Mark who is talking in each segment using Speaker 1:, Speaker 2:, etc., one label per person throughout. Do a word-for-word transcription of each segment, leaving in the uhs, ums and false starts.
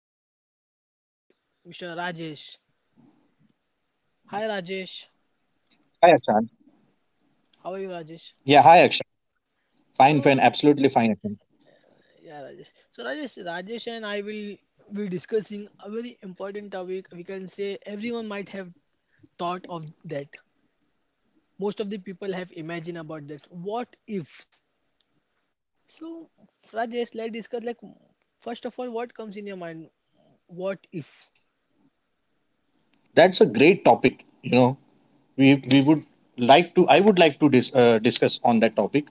Speaker 1: Akshan, and today with us is mister Rajesh. Hi, Rajesh.
Speaker 2: Hi, Akshan.
Speaker 1: How are you,
Speaker 2: Yeah, hi,
Speaker 1: Rajesh?
Speaker 2: Akshan. Fine, fine.
Speaker 1: So,
Speaker 2: Absolutely fine, Akshan.
Speaker 1: yeah, Rajesh. So, Rajesh, Rajesh and I will be discussing a very important topic. We can say everyone might have thought of that. Most of the people have imagined about that. What if? So, Rajesh, let's discuss. Like, first of all, what comes in your mind? What if?
Speaker 2: That's a great topic. You know, we we would like to. I would like to dis, uh, discuss on that topic.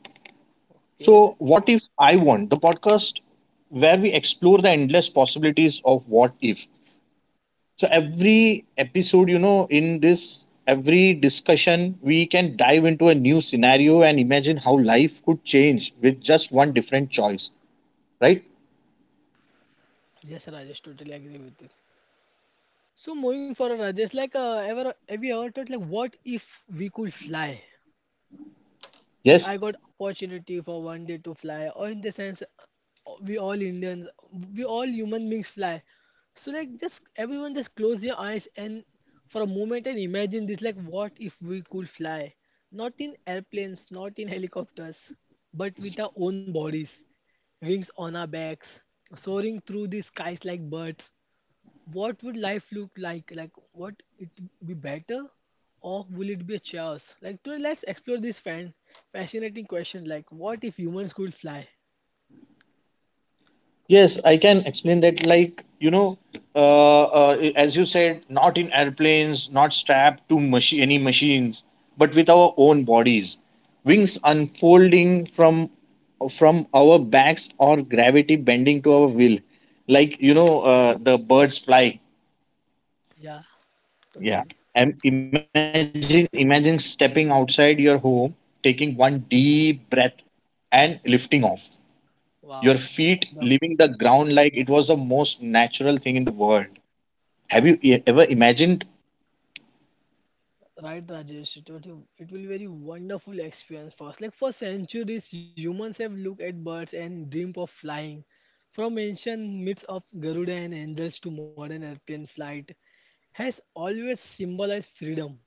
Speaker 1: Okay.
Speaker 2: So, what if I want the podcast where we explore endless possibilities of what if? So, every episode, you know, in this every discussion, we can dive into a new scenario and imagine how life could change with just one different choice. Right?
Speaker 1: Yes, Rajesh, totally agree with you. So moving forward, Rajesh, like uh, ever have you ever thought like what if we could fly? If
Speaker 2: Yes.
Speaker 1: I got opportunity for one day to fly, or in the sense, uh, we all Indians, we all human beings fly. So like just everyone just close your eyes and for a moment and imagine this like what if we could fly? Not in airplanes, not in helicopters, but with our own bodies, wings on our backs, soaring through the skies like birds, what would life look like? Like, what, it be better, or will it be a chaos? Like, today let's explore this fan fascinating question. Like, what if humans could fly?
Speaker 2: Yes, I can explain that. Like, you know, uh, uh, as you said, not in airplanes, not strapped to machi- any machines, but with our own bodies. Wings unfolding from from our backs or gravity bending to our will. Like, you know, uh, the birds fly.
Speaker 1: Yeah,
Speaker 2: Yeah.
Speaker 1: totally.
Speaker 2: And imagine, imagine stepping outside your home, taking one deep breath and lifting off. Your feet
Speaker 1: Wow.
Speaker 2: leaving the
Speaker 1: Wonderful.
Speaker 2: ground like it was the most natural thing in the world. Have you e- ever imagined?
Speaker 1: Right, Rajesh. It will it will be very wonderful experience for us. Like, for centuries, humans have looked at birds and dreamed of flying. From ancient myths of Garuda and angels to modern airplane, flight has always symbolized freedom.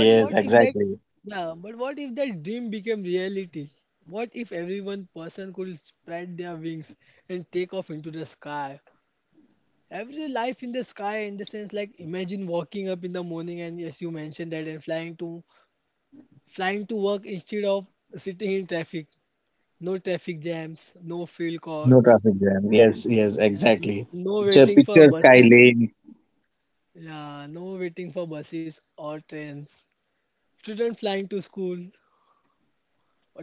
Speaker 1: But what if that
Speaker 2: exactly.
Speaker 1: yeah, but what if that dream became reality? What if every one person could spread their wings and take off into the sky? Every life in the sky, in the sense, like imagine walking up in the morning and, yes, you mentioned that, and flying to, flying to work instead of sitting in traffic. No traffic jams, no field
Speaker 2: No traffic
Speaker 1: courts,
Speaker 2: jam. Yes, yes, exactly.
Speaker 1: n- no
Speaker 2: Picture,
Speaker 1: waiting
Speaker 2: picture
Speaker 1: for
Speaker 2: sky
Speaker 1: buses.
Speaker 2: lane,
Speaker 1: Yeah, no waiting for buses or trains. Children flying to school.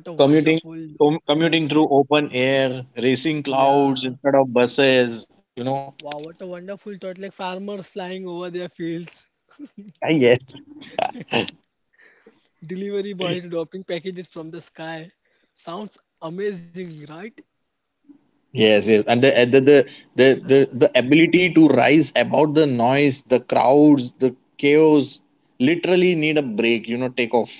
Speaker 1: What a
Speaker 2: commuting,
Speaker 1: wonderful
Speaker 2: com- commuting
Speaker 1: scenario.
Speaker 2: through open air, racing clouds
Speaker 1: Yeah.
Speaker 2: instead of buses. You know.
Speaker 1: Wow, what a wonderful thought. Like farmers flying over their fields,
Speaker 2: Ah, yes.
Speaker 1: delivery boys dropping packages from the sky. Sounds amazing, right?
Speaker 2: Yes, yes, and the, the the the the the ability to rise above the noise, the crowds, the chaos. Literally need a break. You know, take off.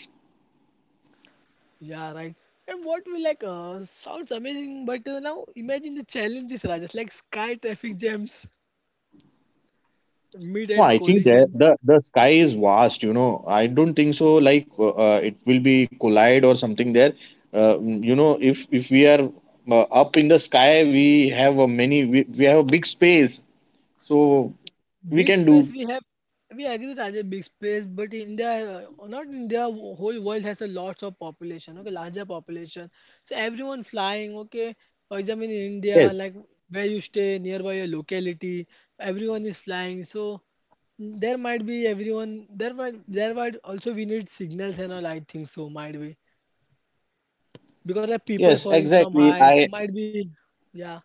Speaker 1: Yeah, right. And what we like uh, sounds amazing, but uh, now imagine the challenges, rajas, like sky traffic jams,
Speaker 2: No,
Speaker 1: mid-air
Speaker 2: I think that the
Speaker 1: collisions.
Speaker 2: the sky is vast. You know, I don't think so. Like uh, uh, it will be collide or something there. Uh, you know, if if we are uh, up in the sky, we have a many. We, we have a big space, so we
Speaker 1: Big
Speaker 2: can do.
Speaker 1: space we have, we agree that as a big space, but India, uh, not India, w- whole world has a lots of population, okay, larger population. So everyone flying, okay. For example, in
Speaker 2: Yes.
Speaker 1: India, like where you stay nearby a locality, everyone is flying. So there might be everyone, there might there might also we need signals and all, I think, so might be because of people
Speaker 2: Yes.
Speaker 1: falling from
Speaker 2: Exactly.
Speaker 1: height,
Speaker 2: I.
Speaker 1: might be, yeah,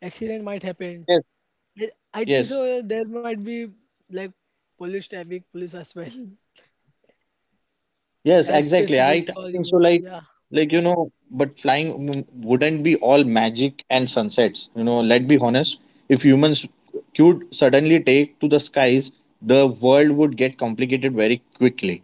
Speaker 1: accident might happen.
Speaker 2: Yes.
Speaker 1: I I think
Speaker 2: Yes.
Speaker 1: so. There might be like police, traffic police as well.
Speaker 2: Yes, exactly.
Speaker 1: Airspace
Speaker 2: I, I
Speaker 1: rules for
Speaker 2: think so.
Speaker 1: humans.
Speaker 2: Like,
Speaker 1: Yeah,
Speaker 2: like you know, but flying w- wouldn't be all magic and sunsets. You know, let's be honest. If humans could suddenly take to the skies, the world would get complicated very quickly.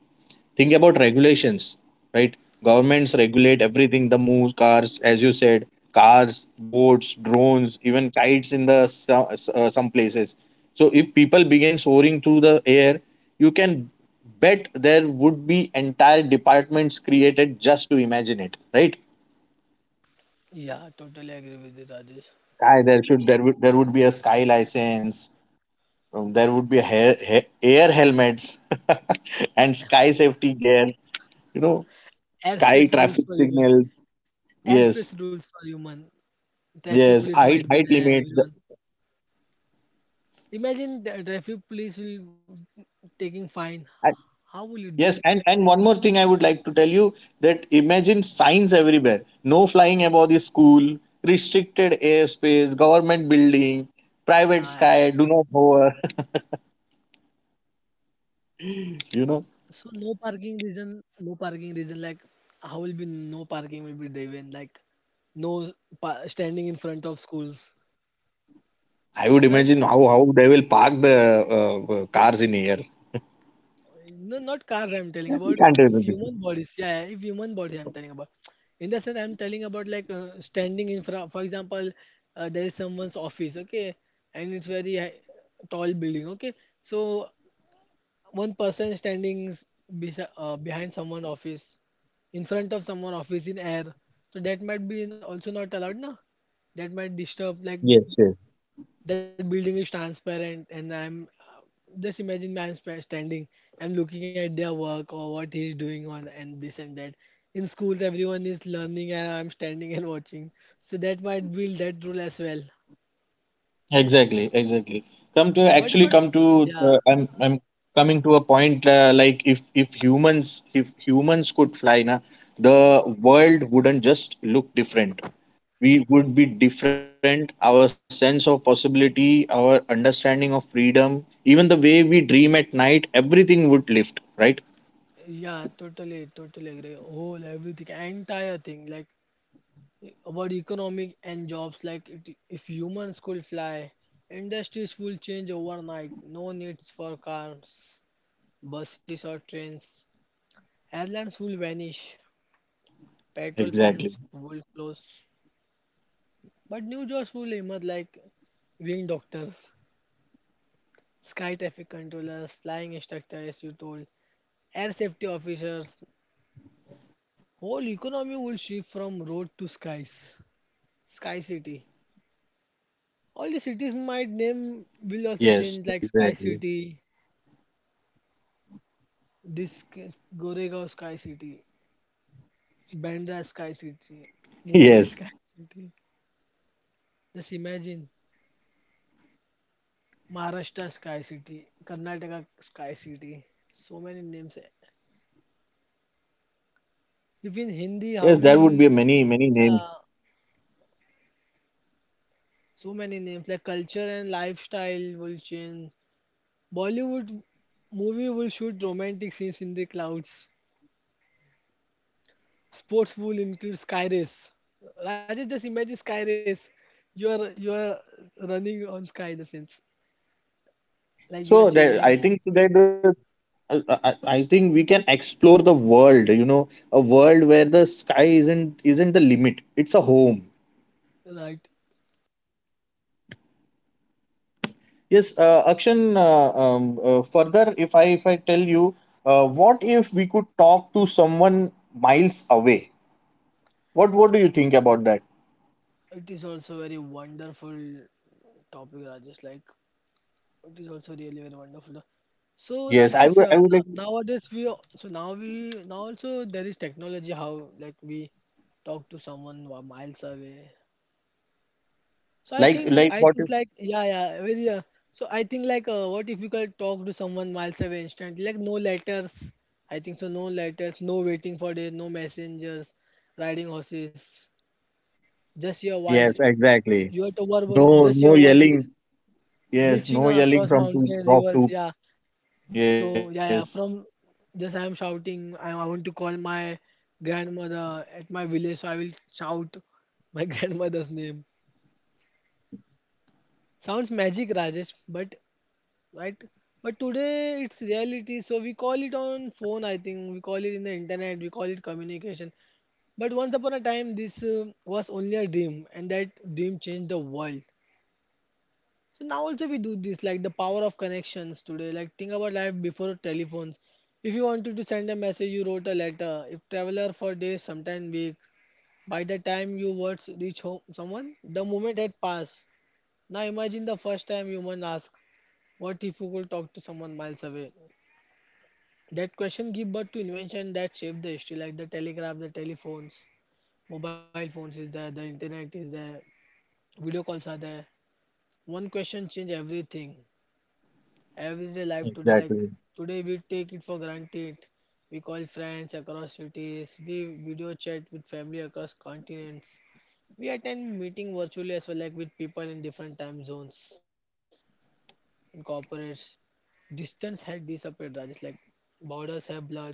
Speaker 2: Think about regulations, right? Governments regulate everything the moves cars, as you said, cars, boats, drones, even kites in the so- uh, some places. So if people begin soaring through the air, you can bet there would be entire departments created just to imagine it, right?
Speaker 1: yeah, totally agree with you, Rajesh.
Speaker 2: Sky there should there would there would be a sky license. Um, there would be a hair, ha- air helmets and sky safety gear, you know, sky
Speaker 1: Airspace
Speaker 2: traffic
Speaker 1: rules for human.
Speaker 2: signals. Yes,
Speaker 1: Airspace rules for human. Traffic police
Speaker 2: yes,
Speaker 1: might
Speaker 2: height,
Speaker 1: be
Speaker 2: height
Speaker 1: there,
Speaker 2: limit. the-
Speaker 1: everyone. Imagine the traffic police will taking fine.
Speaker 2: and-
Speaker 1: How will it be?
Speaker 2: Yes, and and one more thing I would like to tell you, that imagine signs everywhere. No flying above the school, restricted airspace, government building, private sky,
Speaker 1: Nice.
Speaker 2: do not hover. You know,
Speaker 1: So no parking reason. No parking reason. Like how will be no parking will be driven. Like no pa- standing in front of schools.
Speaker 2: I would
Speaker 1: Right?
Speaker 2: imagine how how they will park the uh, uh, cars in air.
Speaker 1: No, not cars, I'm
Speaker 2: That
Speaker 1: telling
Speaker 2: we
Speaker 1: about
Speaker 2: can't do.
Speaker 1: if human bodies. Yeah, yeah, if human bodies I'm telling about. In the sense I'm telling about like uh, standing in front. For example, uh, there is someone's office, okay, and it's very high, tall building, okay. So one person standing s- besi- uh, behind someone office, in front of someone office in air. So that might be also not allowed, na? That might disturb, like
Speaker 2: Yes, yes.
Speaker 1: that building is transparent and I'm, uh, just imagine man sp- standing and looking at their work or what he's doing on and this and that, in schools everyone is learning and I'm standing and watching, so that might build that rule as well.
Speaker 2: Exactly, exactly. Come to
Speaker 1: What
Speaker 2: actually
Speaker 1: about,
Speaker 2: come to
Speaker 1: yeah,
Speaker 2: uh, I'm I'm coming to a point, uh, like if if humans if humans could fly na, the world wouldn't just look different. We would be different. Our sense of possibility, our understanding of freedom, even the way we dream at night, everything would lift, right?
Speaker 1: yeah, totally totally agree, whole everything, entire thing, like e- about economic and jobs, like it, if humans could fly, industries will change overnight. No needs for cars, buses or trains. Airlines will vanish, petrol pumps will
Speaker 2: Exactly.
Speaker 1: close, but new jobs will emerge like wing doctors, sky traffic controllers, flying instructors, you told, air safety officers. Whole economy will shift from road to skies, sky city. All the cities might name will
Speaker 2: Yes,
Speaker 1: also change
Speaker 2: exactly.
Speaker 1: like sky city, this is Goregaon sky city, Bandra sky city,
Speaker 2: Yes.
Speaker 1: Mumbai sky city. Just imagine Maharashtra Sky City, Karnataka Sky City. So many names. If in Hindi, how
Speaker 2: Yes, there would be
Speaker 1: will,
Speaker 2: many many names.
Speaker 1: yeah, so many names, like culture and lifestyle will change. Bollywood movie will shoot romantic scenes in the clouds. Sports will include sky race. Rajesh, just imagine sky race. You are you are running on sky, in the sense like you are
Speaker 2: So
Speaker 1: chasing,
Speaker 2: there, I think that the I, I I think we can explore the world. You know, a world where the sky isn't isn't the limit. It's a home.
Speaker 1: right.
Speaker 2: Yes, uh, Akshan. Uh, um, uh, further, if I if I tell you, uh, what if we could talk to someone miles away? What What do you think about that?
Speaker 1: It is also very wonderful topic, Rajesh. Like, it is also really very wonderful. So
Speaker 2: Yes, I
Speaker 1: Rajesh,
Speaker 2: would. I
Speaker 1: uh,
Speaker 2: would like
Speaker 1: no- nowadays we al- so now we now also there is technology how like we talk to someone wa- miles away. So I
Speaker 2: like
Speaker 1: think
Speaker 2: like
Speaker 1: I
Speaker 2: what if?
Speaker 1: think like, yeah yeah, very uh, so I think like uh, what if you could talk to someone miles away instantly, like no letters, I think so, no letters, no waiting for days, no messengers riding horses, just your voice,
Speaker 2: Yes, exactly.
Speaker 1: you have to verbal,
Speaker 2: No,
Speaker 1: just your
Speaker 2: no
Speaker 1: voice re-
Speaker 2: yelling. Yes,
Speaker 1: reaching
Speaker 2: no yelling
Speaker 1: across
Speaker 2: from two,
Speaker 1: mountains,
Speaker 2: from
Speaker 1: rivers,
Speaker 2: two.
Speaker 1: yeah. So
Speaker 2: Yes,
Speaker 1: yeah, yeah, from just I am shouting. I, I want to call my grandmother at my village, so I will shout my grandmother's name. Sounds magic, Rajesh, but right? But today it's reality, so we call it on phone. I think we call it in the internet. We call it communication. But once upon a time, this uh, was only a dream, and that dream changed the world. So now also we do this, like the power of connections today. Like think about life before telephones. If you wanted to send a message, you wrote a letter. If traveler for days, sometime weeks. By the time your words reach home, someone, the moment had passed. Now imagine the first time human ask, "What if you could talk to someone miles away?" That question give birth to invention that shaped the history, like the telegraph, the telephones, mobile phones is there, the internet is there, video calls are there. One question change everything. Everyday life today, like
Speaker 2: exactly,
Speaker 1: today we take it for granted. We call friends across cities, we video chat with family across continents, we attend meeting virtually as well, like with people in different time zones, in corporates, distance had disappeared, Rajesh. Like borders have blurred,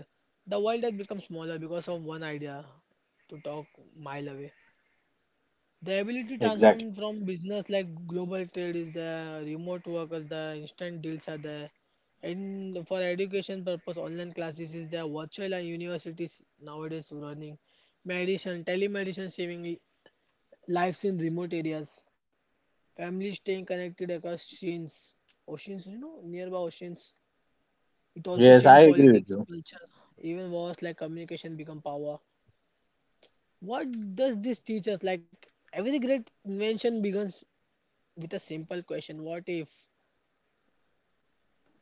Speaker 1: the world has become smaller because of one idea, to talk mile away. The ability to
Speaker 2: exactly.
Speaker 1: transform from business, like global trade is there, remote workers, the instant deals are there. And for education purpose, online classes is there, virtual and universities nowadays running. Medicine, telemedicine saving lives in remote areas. Families staying connected across oceans. Oceans, you know, nearby oceans. It also
Speaker 2: Yes,
Speaker 1: changed
Speaker 2: I agree with
Speaker 1: politics,
Speaker 2: you.
Speaker 1: culture, even wars, like communication become power. What does this teach us? Like every great invention begins with a simple question, what if?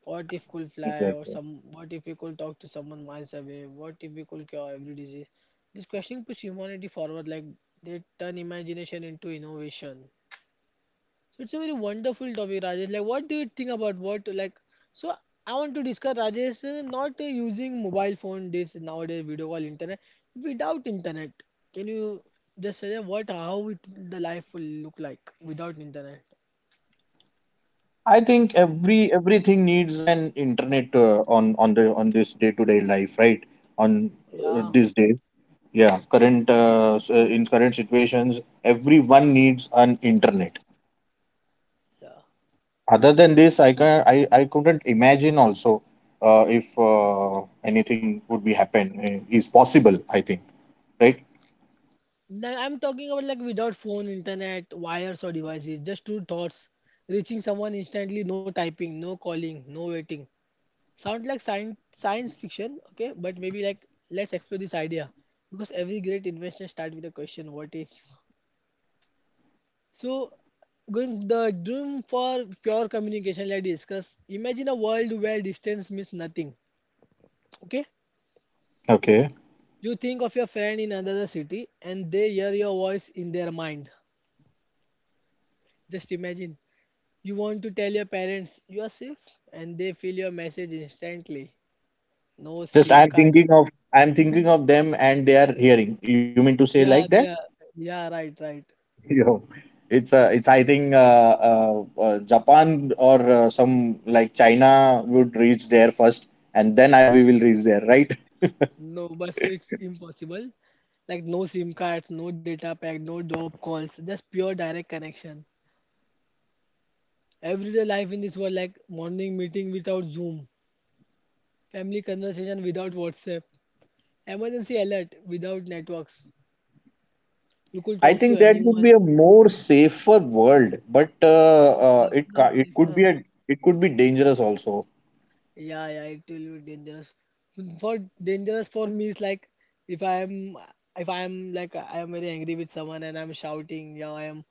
Speaker 1: What if could fly, or
Speaker 2: Exactly.
Speaker 1: some, what if we could talk to someone miles away, what if we could cure every disease, this question push humanity forward. Like they turn imagination into innovation. So it's a very wonderful topic, Rajesh. Like what do you think about what, like, so I want to discuss, Rajesh, uh, not uh, using mobile phone this nowadays, video call, internet, without internet, can you just say what, how it, the life will look like without internet?
Speaker 2: I think every everything needs an internet, uh, on on the on this day to day life, right? On uh,
Speaker 1: Yeah,
Speaker 2: this day, yeah. Current uh, s- uh, in current situations, everyone needs an internet.
Speaker 1: yeah.
Speaker 2: Other than this, I can I, I couldn't imagine also, uh, if uh, anything would be happen, uh, is possible. I think, right?
Speaker 1: No, I'm talking about like without phone, internet, wires or devices, just two thoughts, reaching someone instantly, no typing, no calling, no waiting. Sounds like science science fiction, okay? But maybe like, let's explore this idea because every great invention starts with a question, what if? So going the dream for pure communication, let's discuss. Imagine a world where distance means nothing, okay?
Speaker 2: Okay.
Speaker 1: You think of your friend in another city and they hear your voice in their mind. Just imagine. You want to tell your parents you are safe, and they feel your message instantly. No
Speaker 2: Just
Speaker 1: SIM
Speaker 2: I'm
Speaker 1: cards.
Speaker 2: thinking of I'm thinking of them and they are hearing. You mean to say like that?
Speaker 1: Yeah, they are, yeah, right, right.
Speaker 2: Yo, it's uh, it's I think uh, uh, uh, Japan or uh, some like China would reach there first, and then I we will reach there, right?
Speaker 1: No, but so it's impossible. Like no SIM cards, no data pack, no job calls, just pure direct connection. Everyday life in this world, like morning meeting without Zoom, family conversation without WhatsApp, emergency alert without networks. You could
Speaker 2: I
Speaker 1: talk to
Speaker 2: think that would
Speaker 1: anyone.
Speaker 2: be a more safer world, but uh, uh, it
Speaker 1: Safer,
Speaker 2: ca- it could
Speaker 1: safer.
Speaker 2: be a it could be dangerous also.
Speaker 1: Yeah, yeah, it will be dangerous. For dangerous for me is like if I am if I am like I am very angry with someone and I'm shouting, yeah, I am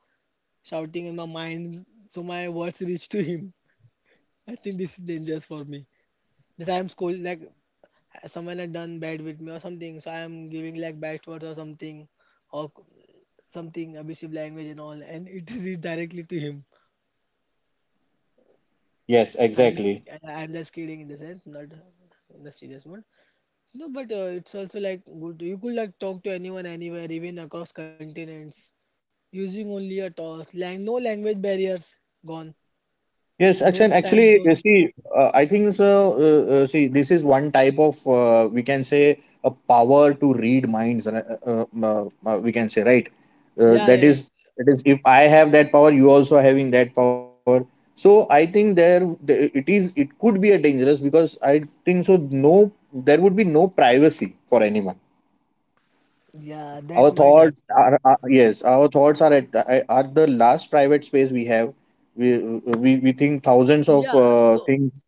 Speaker 1: shouting in my mind, so my words reach to him. I think this is dangerous for me. Because I am scold, like someone had done bad with me or something, so I am giving like bad words or something, or something abusive language and all, and it reach directly to him.
Speaker 2: Yes,
Speaker 1: I'm just
Speaker 2: exactly.
Speaker 1: I- I'm just kidding in the sense, not in the serious mode. No, but uh, it's also like good. You could like talk to anyone anywhere, even across continents, using only a torch. Lang No language barriers gone.
Speaker 2: Yes,
Speaker 1: No
Speaker 2: actually,
Speaker 1: time
Speaker 2: actually,
Speaker 1: zone.
Speaker 2: you see, uh, I think so. Uh, uh, see, this is one type of, uh, we can say, a power to read minds, right? Uh, uh, um, uh, uh, we can say right. Uh,
Speaker 1: Yeah,
Speaker 2: that
Speaker 1: yeah,
Speaker 2: is
Speaker 1: it's
Speaker 2: that is if I have that power, you also having that power. So I think there the, it is. It could be a dangerous because I think so. No, there would be no privacy for anyone.
Speaker 1: yeah, that
Speaker 2: Our
Speaker 1: might
Speaker 2: thoughts
Speaker 1: happen.
Speaker 2: are, are yes, our thoughts are at uh, are the last private space we have. We, uh, we, we think thousands of
Speaker 1: Yeah,
Speaker 2: uh,
Speaker 1: so
Speaker 2: things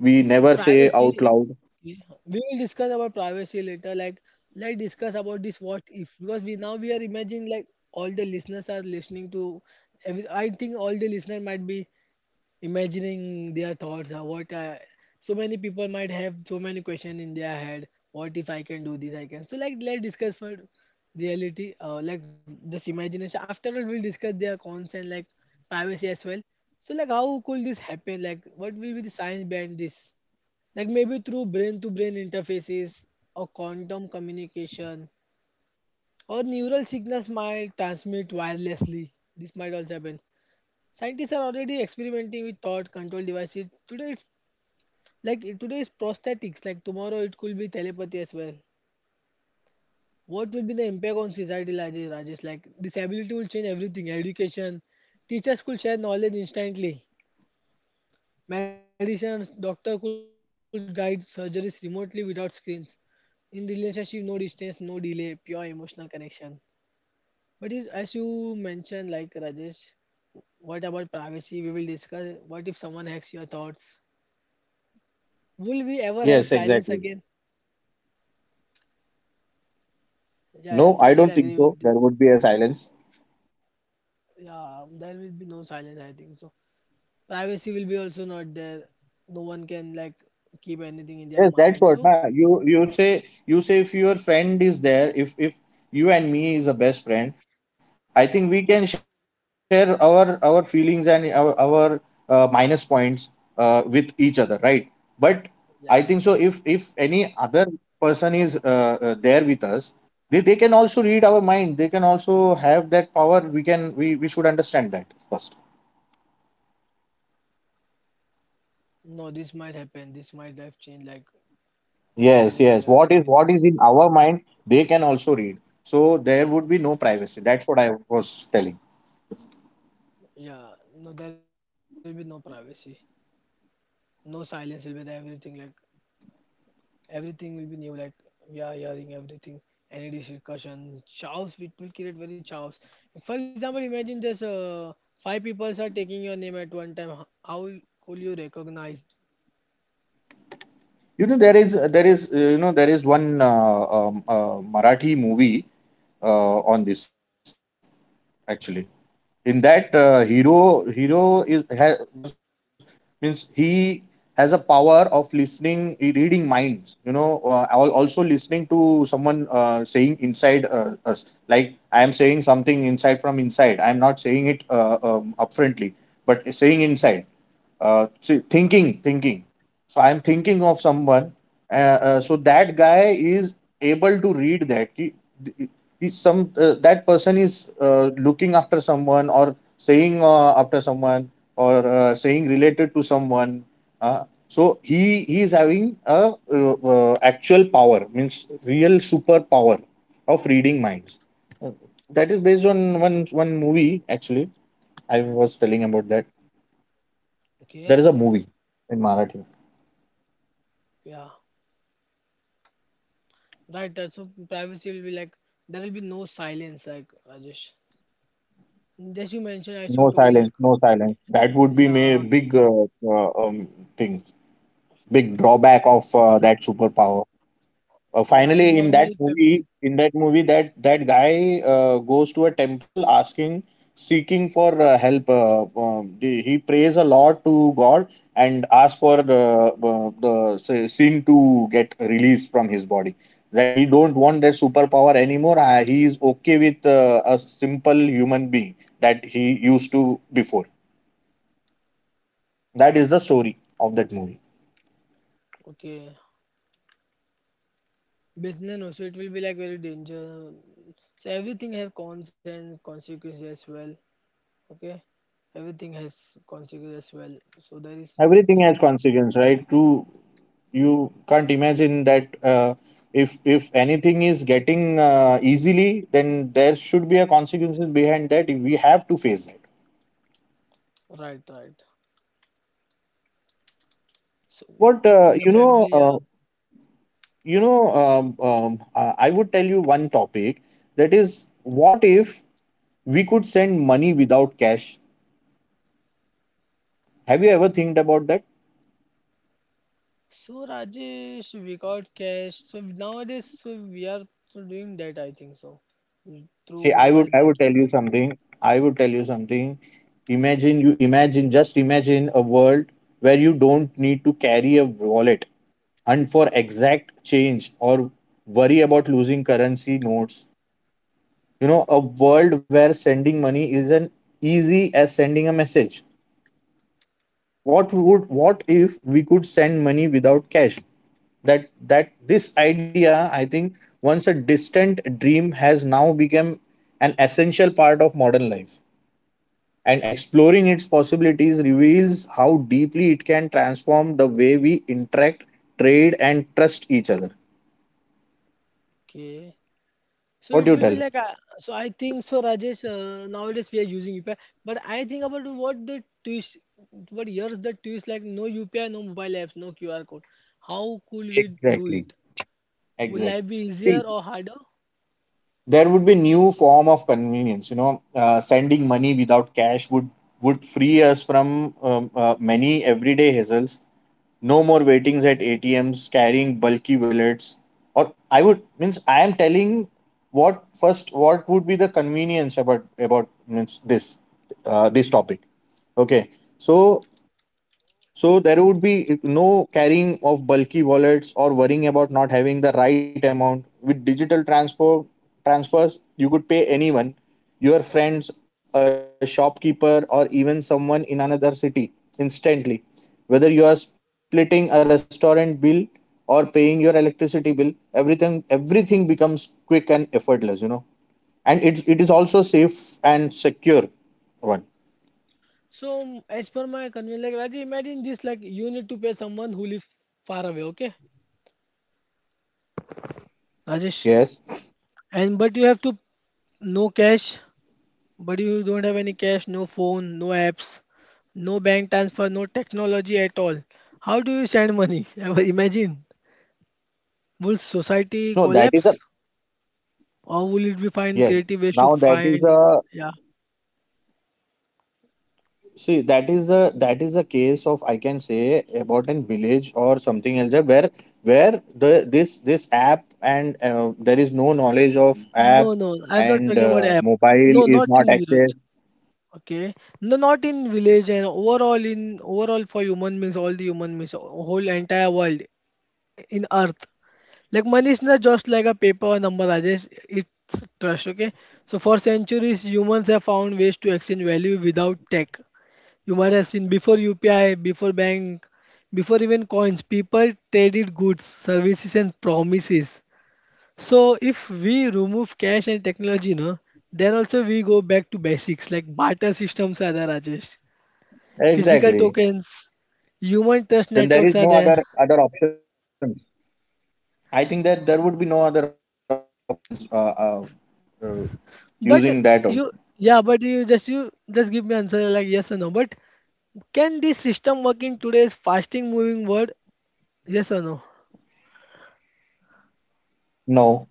Speaker 2: we never say out
Speaker 1: privacy.
Speaker 2: loud.
Speaker 1: Okay. We will discuss about privacy later. Like, let's discuss about this what if because we now we are imagining like all the listeners are listening to. every- I think all the listener might be imagining their thoughts, uh, what I, so many people might have so many questions in their head what if I can do this I can so like let's discuss for reality, uh, like this imagination after all we'll discuss their cons and like privacy as well. So like how could this happen, like what will be the science behind this, like maybe through brain to brain interfaces, or quantum communication, or neural signals might transmit wirelessly. This might also happen. Scientists are already experimenting with thought control devices. Today it's like today is prosthetics. Like tomorrow it could be telepathy as well. What will be the impact on society, Rajesh? Rajesh? Like this ability will change everything. Education, teachers could share knowledge instantly. Medicines, doctor could guide surgeries remotely without screens. In relationship, no distance, no delay, pure emotional connection. But it, as you mentioned, like Rajesh, what about privacy? We will discuss. What if someone hacks your thoughts? Will we
Speaker 2: Yes,
Speaker 1: ever have
Speaker 2: exactly.
Speaker 1: silence again? Yeah, yeah,
Speaker 2: No, I
Speaker 1: totally
Speaker 2: don't think
Speaker 1: agree
Speaker 2: so.
Speaker 1: with the.
Speaker 2: There would be a silence.
Speaker 1: Yeah, there will be no silence, I think so. Privacy will be also not there. No one can like keep anything in their
Speaker 2: Yes,
Speaker 1: mind.
Speaker 2: that's
Speaker 1: So
Speaker 2: what. Nah, You you say you say if your friend is there, if if you and me is a best friend, I think we can share our our feelings and our our uh, minus points, uh, with each other, right? But I think so.
Speaker 1: yeah,
Speaker 2: If if any other person is uh, uh, there with us, they, they can also read our mind. They can also have that power. We can we we should understand that first.
Speaker 1: no, this might happen. This might life change. Like seriously, I
Speaker 2: Yes,
Speaker 1: agree
Speaker 2: yes.
Speaker 1: with
Speaker 2: What is
Speaker 1: this.
Speaker 2: what is in our mind, they can also read. So there would be no privacy. That's what I was telling.
Speaker 1: Yeah, no, there will be no privacy. No silence will be there. Everything like everything will be new, like we are hearing everything. Any discussion chows, it will create very chows. For example, imagine there's uh, five people are taking your name at one time, ho- how could you recognize.
Speaker 2: You know there is there is uh, you know there is one uh, um, uh, Marathi movie, uh, on this actually. In that, uh, hero hero is ha, was, means he has a power of listening, reading minds, you know, uh, al- also listening to someone, uh, saying inside, uh, us, like I am saying something inside, from inside, I am not saying it, uh, um, upfrontly, but saying inside, uh, see, thinking, thinking. So I'm thinking of someone. Uh, uh, so that guy is able to read that. He, he, some uh, That person is uh, looking after someone or saying, uh, after someone, or uh, saying to someone. Uh, so he he is having a uh, uh, actual power, means real superpower of reading minds. Uh, That is based on one one movie, actually. I was telling about that.
Speaker 1: Okay.
Speaker 2: There is a movie in Marathi.
Speaker 1: Yeah, right, uh, so privacy will be like there will be no silence like Rajesh, just you mentioned, I should told
Speaker 2: No
Speaker 1: like
Speaker 2: silence, no silence. That
Speaker 1: yeah,
Speaker 2: would be
Speaker 1: uh,
Speaker 2: a big uh, uh, um, thing, big drawback of uh, that superpower. Uh,
Speaker 1: yeah, I
Speaker 2: finally, in that
Speaker 1: normal
Speaker 2: movie,
Speaker 1: family.
Speaker 2: in that movie, that that guy uh, goes to a temple asking, seeking for uh, help. Uh, um, the- he prays a lot to God and asks for the uh, the sa- sin to get released from his body. That he don't want that superpower anymore. Uh, he is okay with uh, a simple human being that he used to before. That is the story of that movie.
Speaker 1: Okay. Business also it will be like very danger, so everything has cons and consequences as well. Okay. Everything has consequences as well, so there is
Speaker 2: Everything has
Speaker 1: nothing,
Speaker 2: consequence, right? To, you can't imagine that, uh, if if anything is getting uh, easily, then there should be a consequences behind, that we have to face that.
Speaker 1: right, right. So
Speaker 2: What uh,
Speaker 1: in a
Speaker 2: you know
Speaker 1: family, yeah.
Speaker 2: uh, you know um, um, uh, I would tell you one topic, that is what if we could send money without cash? Have you ever think about that?
Speaker 1: So Rajesh, we got cash so nowadays, so we are so doing that I think so, through
Speaker 2: See, i would
Speaker 1: mobile
Speaker 2: I would
Speaker 1: banking.
Speaker 2: tell you something. I would tell you something imagine you Imagine, just imagine a world where you don't need to carry a wallet, hunt for exact change, or worry about losing currency notes. You know, a world where sending money is an easy as sending a message. What would what if we could send money without cash? That that This idea, I think, once a distant dream, has now become an essential part of modern life. And exploring its possibilities reveals how deeply it can transform the way we interact, trade, and trust each other.
Speaker 1: Okay, so
Speaker 2: What do
Speaker 1: it
Speaker 2: you
Speaker 1: will be
Speaker 2: tell?
Speaker 1: like, uh, so I think so, Rajesh, uh, nowadays we are using U P I, but I think about what the twist, what years the twist, like no U P I, no mobile apps, no Q R code, how could we do
Speaker 2: Exactly.
Speaker 1: it. Will life
Speaker 2: Exact.
Speaker 1: be easier
Speaker 2: See,
Speaker 1: or harder?
Speaker 2: there would be new form of convenience. You know, uh, sending money without cash would would free us from um, uh, many everyday hassles. No more waitings at A T Ms, carrying bulky wallets. Or I would means I am telling what first What would be the convenience about about means this uh, this topic. Okay, so so there would be no carrying of bulky wallets or worrying about not having the right amount. With digital transfer transfers, you could pay anyone, your friends, a shopkeeper, or even someone in another city instantly. Whether you are splitting a restaurant bill or paying your electricity bill, everything everything becomes quick and effortless, you know. And it, it is also safe and secure one.
Speaker 1: So as per my convenience, like Rajesh, imagine this: like you need to pay someone who lives far away, okay?
Speaker 2: Yes.
Speaker 1: Rajesh, and but you have to no cash, but you don't have any cash, no phone, no apps, no bank transfer, no technology at all. How do you send money? Ever imagine, will society
Speaker 2: No, that is a
Speaker 1: collapse, or will it be find
Speaker 2: yes.
Speaker 1: creative ways to
Speaker 2: Now that is
Speaker 1: find?
Speaker 2: a
Speaker 1: Yeah,
Speaker 2: See, that is the that is the case of I can say about an village or something else that where where the this this app and uh, there is no knowledge of
Speaker 1: no,
Speaker 2: app
Speaker 1: no, I'm not
Speaker 2: and
Speaker 1: talking about
Speaker 2: uh,
Speaker 1: app.
Speaker 2: mobile
Speaker 1: No,
Speaker 2: is
Speaker 1: not
Speaker 2: not
Speaker 1: in Europe.
Speaker 2: accessed
Speaker 1: Okay. No, not in village, and overall in overall for human means all the human means whole entire world in earth. Like money is not just like a paper number, Rajesh. It's trust. Okay. So for centuries, humans have found ways to exchange value without tech. You might have seen before U P I, before bank, before even coins, people traded goods, services, and promises. So if we remove cash and technology, no, then also we go back to basics like barter systems are there, Rajesh, physical tokens,
Speaker 2: exactly.
Speaker 1: human trust networks are there.
Speaker 2: Then there is no other other options. I think that there would be no other options uh, uh, uh, using that. al-
Speaker 1: But you, yeah, but you just you just give me answer like yes or no. But can this system work in today's fasting moving world? Yes or no?
Speaker 2: No,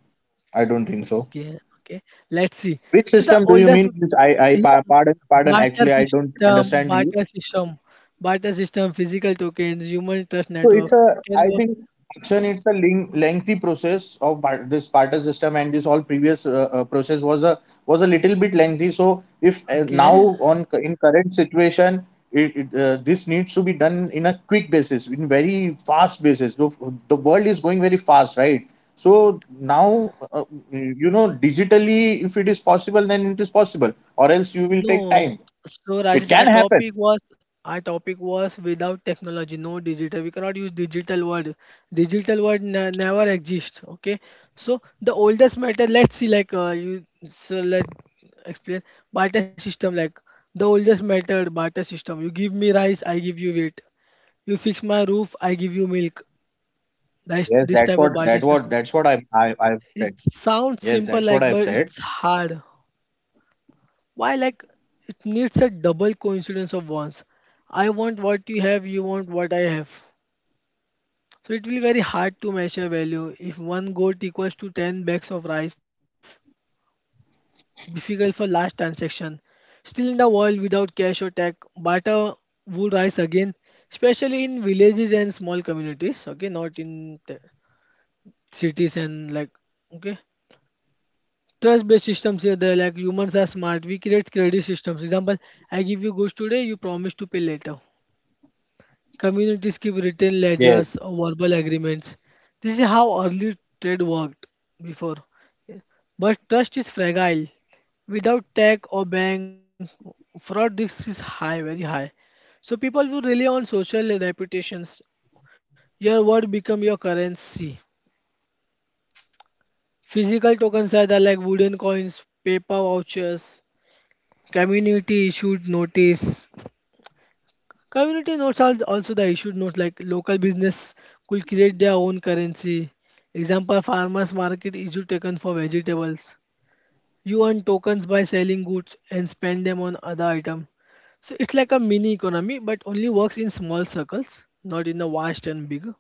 Speaker 2: I don't think so.
Speaker 1: Okay, okay. Let's see.
Speaker 2: Which
Speaker 1: So the
Speaker 2: system do you
Speaker 1: oldest,
Speaker 2: mean? Which I I
Speaker 1: yeah,
Speaker 2: pa- pardon pardon.
Speaker 1: barter
Speaker 2: Actually, I don't
Speaker 1: system,
Speaker 2: understand you.
Speaker 1: barter system, barter system, physical tokens, human trust
Speaker 2: So it's
Speaker 1: network
Speaker 2: a,
Speaker 1: can
Speaker 2: I
Speaker 1: work.
Speaker 2: think, action. It's a ling- lengthy process of bar- this barter system, and this all previous uh, uh, process was a was a little bit lengthy. So if uh,
Speaker 1: Okay.
Speaker 2: now on cu- in current situation, it, this needs to be done in a quick basis, in very fast basis. The, the world is going very fast, right? So now, uh, you know, digitally, if it is possible, then it is possible, or else you will take
Speaker 1: No.
Speaker 2: time.
Speaker 1: So
Speaker 2: It
Speaker 1: Rajesh, our
Speaker 2: can happen.
Speaker 1: topic was our topic was without technology, no digital. We cannot use digital word. Digital word ne never exist. Okay. So the oldest method. Let's see. Like uh, you. So let explain barter system. Like the oldest method barter system. You give me rice, I give you wheat. You fix my roof, I give you milk.
Speaker 2: Yes, that's what that
Speaker 1: That's
Speaker 2: what that's
Speaker 1: this
Speaker 2: what
Speaker 1: type
Speaker 2: I
Speaker 1: of barter
Speaker 2: I
Speaker 1: system.
Speaker 2: I Yes,
Speaker 1: It
Speaker 2: that's what I've said.
Speaker 1: sounds simple, like but it's hard. Why, like, it needs a double coincidence of wants. I want what you have, you want what I have. So it will be very hard to measure value. If one goat equals to ten bags of rice, difficult for last transaction. Still in the world without cash or tech, barter would rise again, especially in villages and small communities, okay, not in the cities and like, okay. Trust-based systems here, they're like humans are smart. We create credit systems. Example, I give you goods today, you promise to pay later. Communities keep written
Speaker 2: Yes.
Speaker 1: ledgers, or verbal agreements. This is how early trade worked before. But trust is fragile. Without tech or bank, fraud risk is high, very high. So people will rely on social reputations. Your word become your currency. Physical tokens are there like wooden coins, paper vouchers, community issued notice, community notes are also the issued notes like local business could create their own currency. Example, farmers market issue taken for vegetables. You earn tokens by selling goods and spend them on other item. So it's like a mini economy but only works in small circles, not in a vast and big.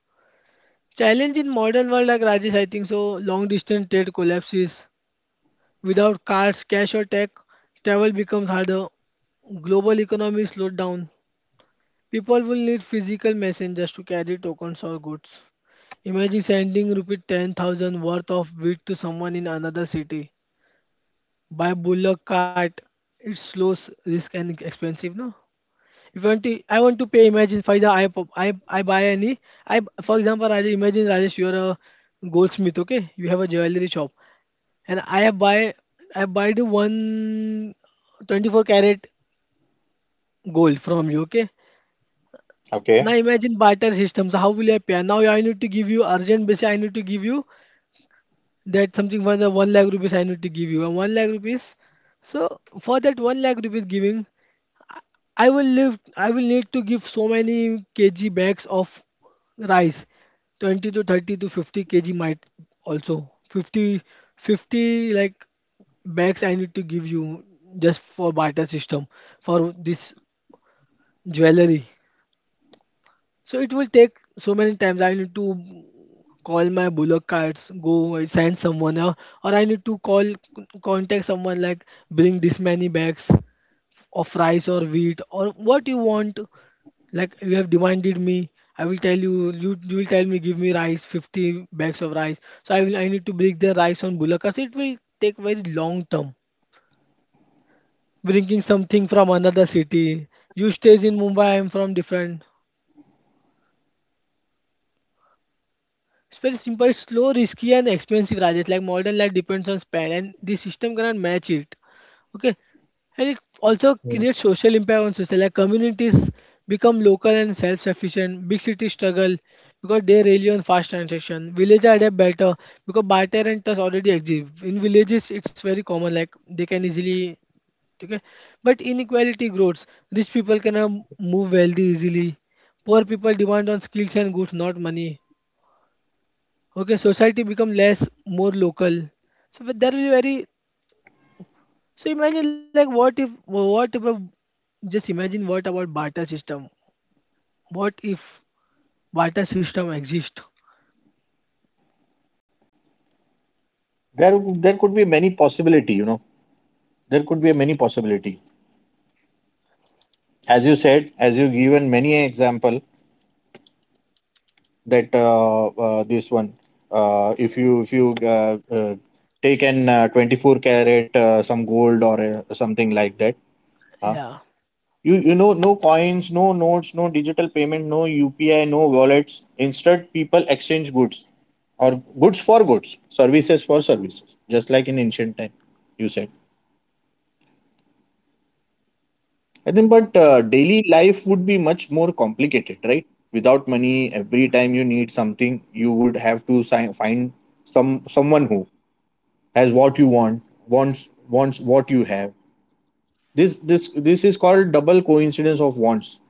Speaker 1: Challenge in modern world, like Rajesh, I think so long distance trade collapses. Without cars, cash or tech, travel becomes harder. Global economy slowed down. People will need physical messengers to carry tokens or goods. Imagine sending rupee ten thousand worth of wheat to someone in another city by bullock cart. It's slow, s- risk, and expensive. No, if you want to, I want to pay. Imagine, for example, I, pu- I, I buy any. I, for example, Rajesh, imagine Rajesh, you are a goldsmith. Okay, you have a jewelry shop, and I have buy, I buy the one twenty-four carat gold from you. Okay, now
Speaker 2: Okay.
Speaker 1: imagine barter systems. How will I pay? Now I need to give you urgent basis. I need to give you that something for the one lakh rupees. I need to give you and one lakh rupees. So for that one lakh rupees giving, I will live. I will need to give so many kg bags of rice, twenty to thirty to fifty kilograms might also fifty fifty like bags I need to give you just for barter system for this jewelry. So it will take so many times. I need to call my bullock carts, go and send someone, or, or I need to call contact someone like bring this many bags of rice or wheat or what you want. Like you have demanded me, I will tell you. You you will tell me give me rice, fifty bags of rice. So I will I need to bring the rice on bullock carts. It will take very long term. Bringing something from another city. You stays in Mumbai. I am from different. It's very simple, slow, risky, and expensive, Rajesh. Like modern life depends on spend, and the system cannot match it. Okay, and it also creates social impact on social. Like communities become local and self-sufficient. Big cities struggle because they rely on fast transaction. Villages adapt better because barter and trust already exist. In villages, it's very common. Like they can easily. Okay, but inequality grows. Rich people cannot move wealthy easily. Poor people demand on skills and goods, not money. Okay, society become less, more local. So but that will be very. So imagine, like what if what if a, just imagine, what about barter system? What if barter system exist?
Speaker 2: There, there could be many possibility. You know, there could be many possibility. As you said, as you given many example that uh, uh, this one, uh, if you if you uh, uh, take an uh, twenty-four carat uh, some gold or uh, something like that, huh?
Speaker 1: Yeah,
Speaker 2: you you know, no coins, no notes, no digital payment, no U P I, no wallets. Instead, people exchange goods or goods for goods, services for services, just like in ancient time. You said. I think, but uh,
Speaker 1: to,
Speaker 2: daily life would be much more complicated, right? Without money, every time you need something, you would have to si- find some someone who has what you want, wants wants what you have. This this this is called double coincidence of wants.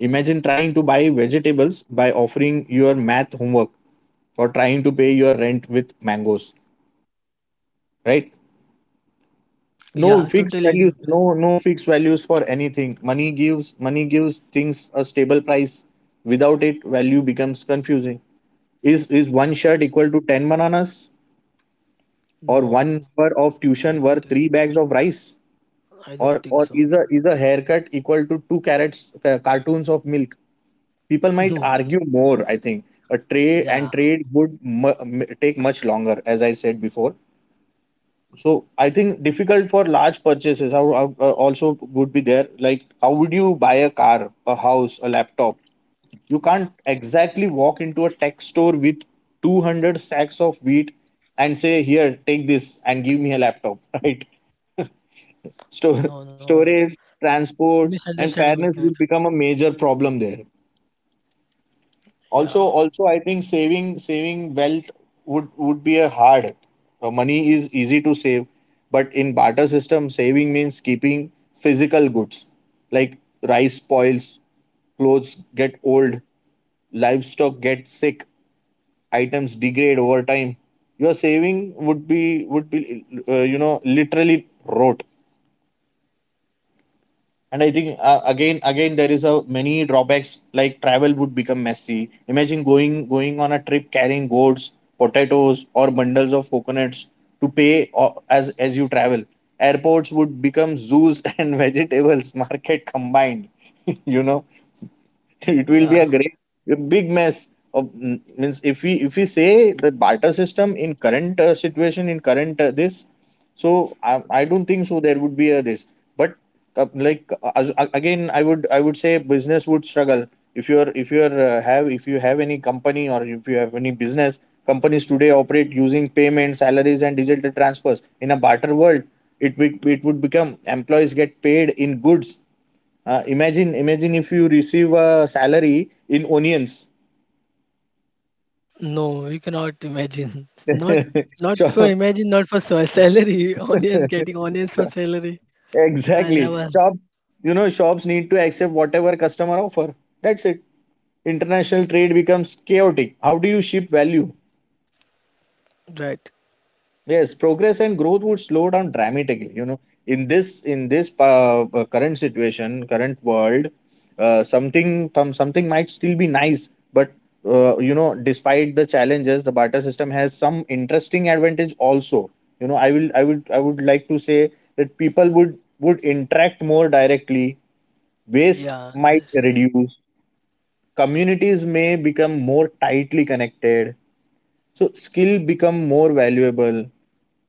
Speaker 2: Imagine trying to buy vegetables by offering your math homework or trying to pay your rent with mangoes, right? No
Speaker 1: yeah,
Speaker 2: fixed
Speaker 1: totally
Speaker 2: values,
Speaker 1: agree. With
Speaker 2: no
Speaker 1: that.
Speaker 2: no fixed values for anything. Money gives money gives things a stable price. Without it, value becomes confusing. Is is one shirt equal to ten bananas, or one
Speaker 1: No,
Speaker 2: hour of tuition
Speaker 1: I
Speaker 2: worth
Speaker 1: don't
Speaker 2: three
Speaker 1: think
Speaker 2: bags of rice,
Speaker 1: so.
Speaker 2: or
Speaker 1: I don't
Speaker 2: or
Speaker 1: think
Speaker 2: is
Speaker 1: so.
Speaker 2: a is a haircut equal to two carrots uh, cartoons of milk? People might
Speaker 1: No,
Speaker 2: argue more, I think. a trade and
Speaker 1: yeah,
Speaker 2: trade would mu- m- take much longer, as I said before. So I think difficult for large purchases. How are- are also would be there. Like how would you buy a car, a house, a laptop? You can't exactly walk into a tech store with two hundred sacks of wheat and say, "Here, take this and give me a laptop." Right? Store
Speaker 1: no, no.
Speaker 2: Storage, transport, and
Speaker 1: Misunderstanding will create.
Speaker 2: fairness would become a major problem there.
Speaker 1: Yeah,
Speaker 2: Also, also, I think saving saving wealth would would be a hard. Uh, money is easy to save, but in barter system saving means keeping physical goods, like rice spoils, clothes get old, livestock get sick, items degrade over time. Your saving would be would be uh, you know, literally rot. And I think uh, again again there is a many drawbacks, like travel would become messy. Imagine going going on a trip carrying gourds, potatoes, or bundles of coconuts to pay, o- as as you travel, airports would become zoos and vegetables market combined. You know, it will be a
Speaker 1: yeah.
Speaker 2: great, a big mess of mm, means if we if we say the barter system in current uh, situation, in current uh, this, so I, I don't think so there would be a this. But uh, like uh, as- a- again, I would, I would say business would struggle. If you're if you're uh, have, if you have any company or if you have any business, companies today operate using payments, salaries, and digital transfers. In a barter world, it be, it would become employees get paid in goods. Uh, imagine, imagine if you receive a salary in onions.
Speaker 1: No, you cannot imagine. Not not for
Speaker 2: Shop-
Speaker 1: imagine, not for sa- salary. Onions getting onions for
Speaker 2: shop-
Speaker 1: salary. No, I
Speaker 2: exactly.
Speaker 1: never.
Speaker 2: Shops, you know, shops need to accept whatever customer offer. That's it. International trade becomes chaotic. How do you ship value?
Speaker 1: Right.
Speaker 2: Yes, progress and growth would slow down dramatically. You know, in this in this uh, uh, current situation, current world, uh, something some, something might still be nice, but uh, you know, despite the challenges, the barter system has some interesting advantage also. You know, I will I would I would like to say that people would would interact more directly. Waste
Speaker 1: Yeah,
Speaker 2: might
Speaker 1: that's uh,
Speaker 2: reduce. Communities may become more tightly connected, so skill become more valuable.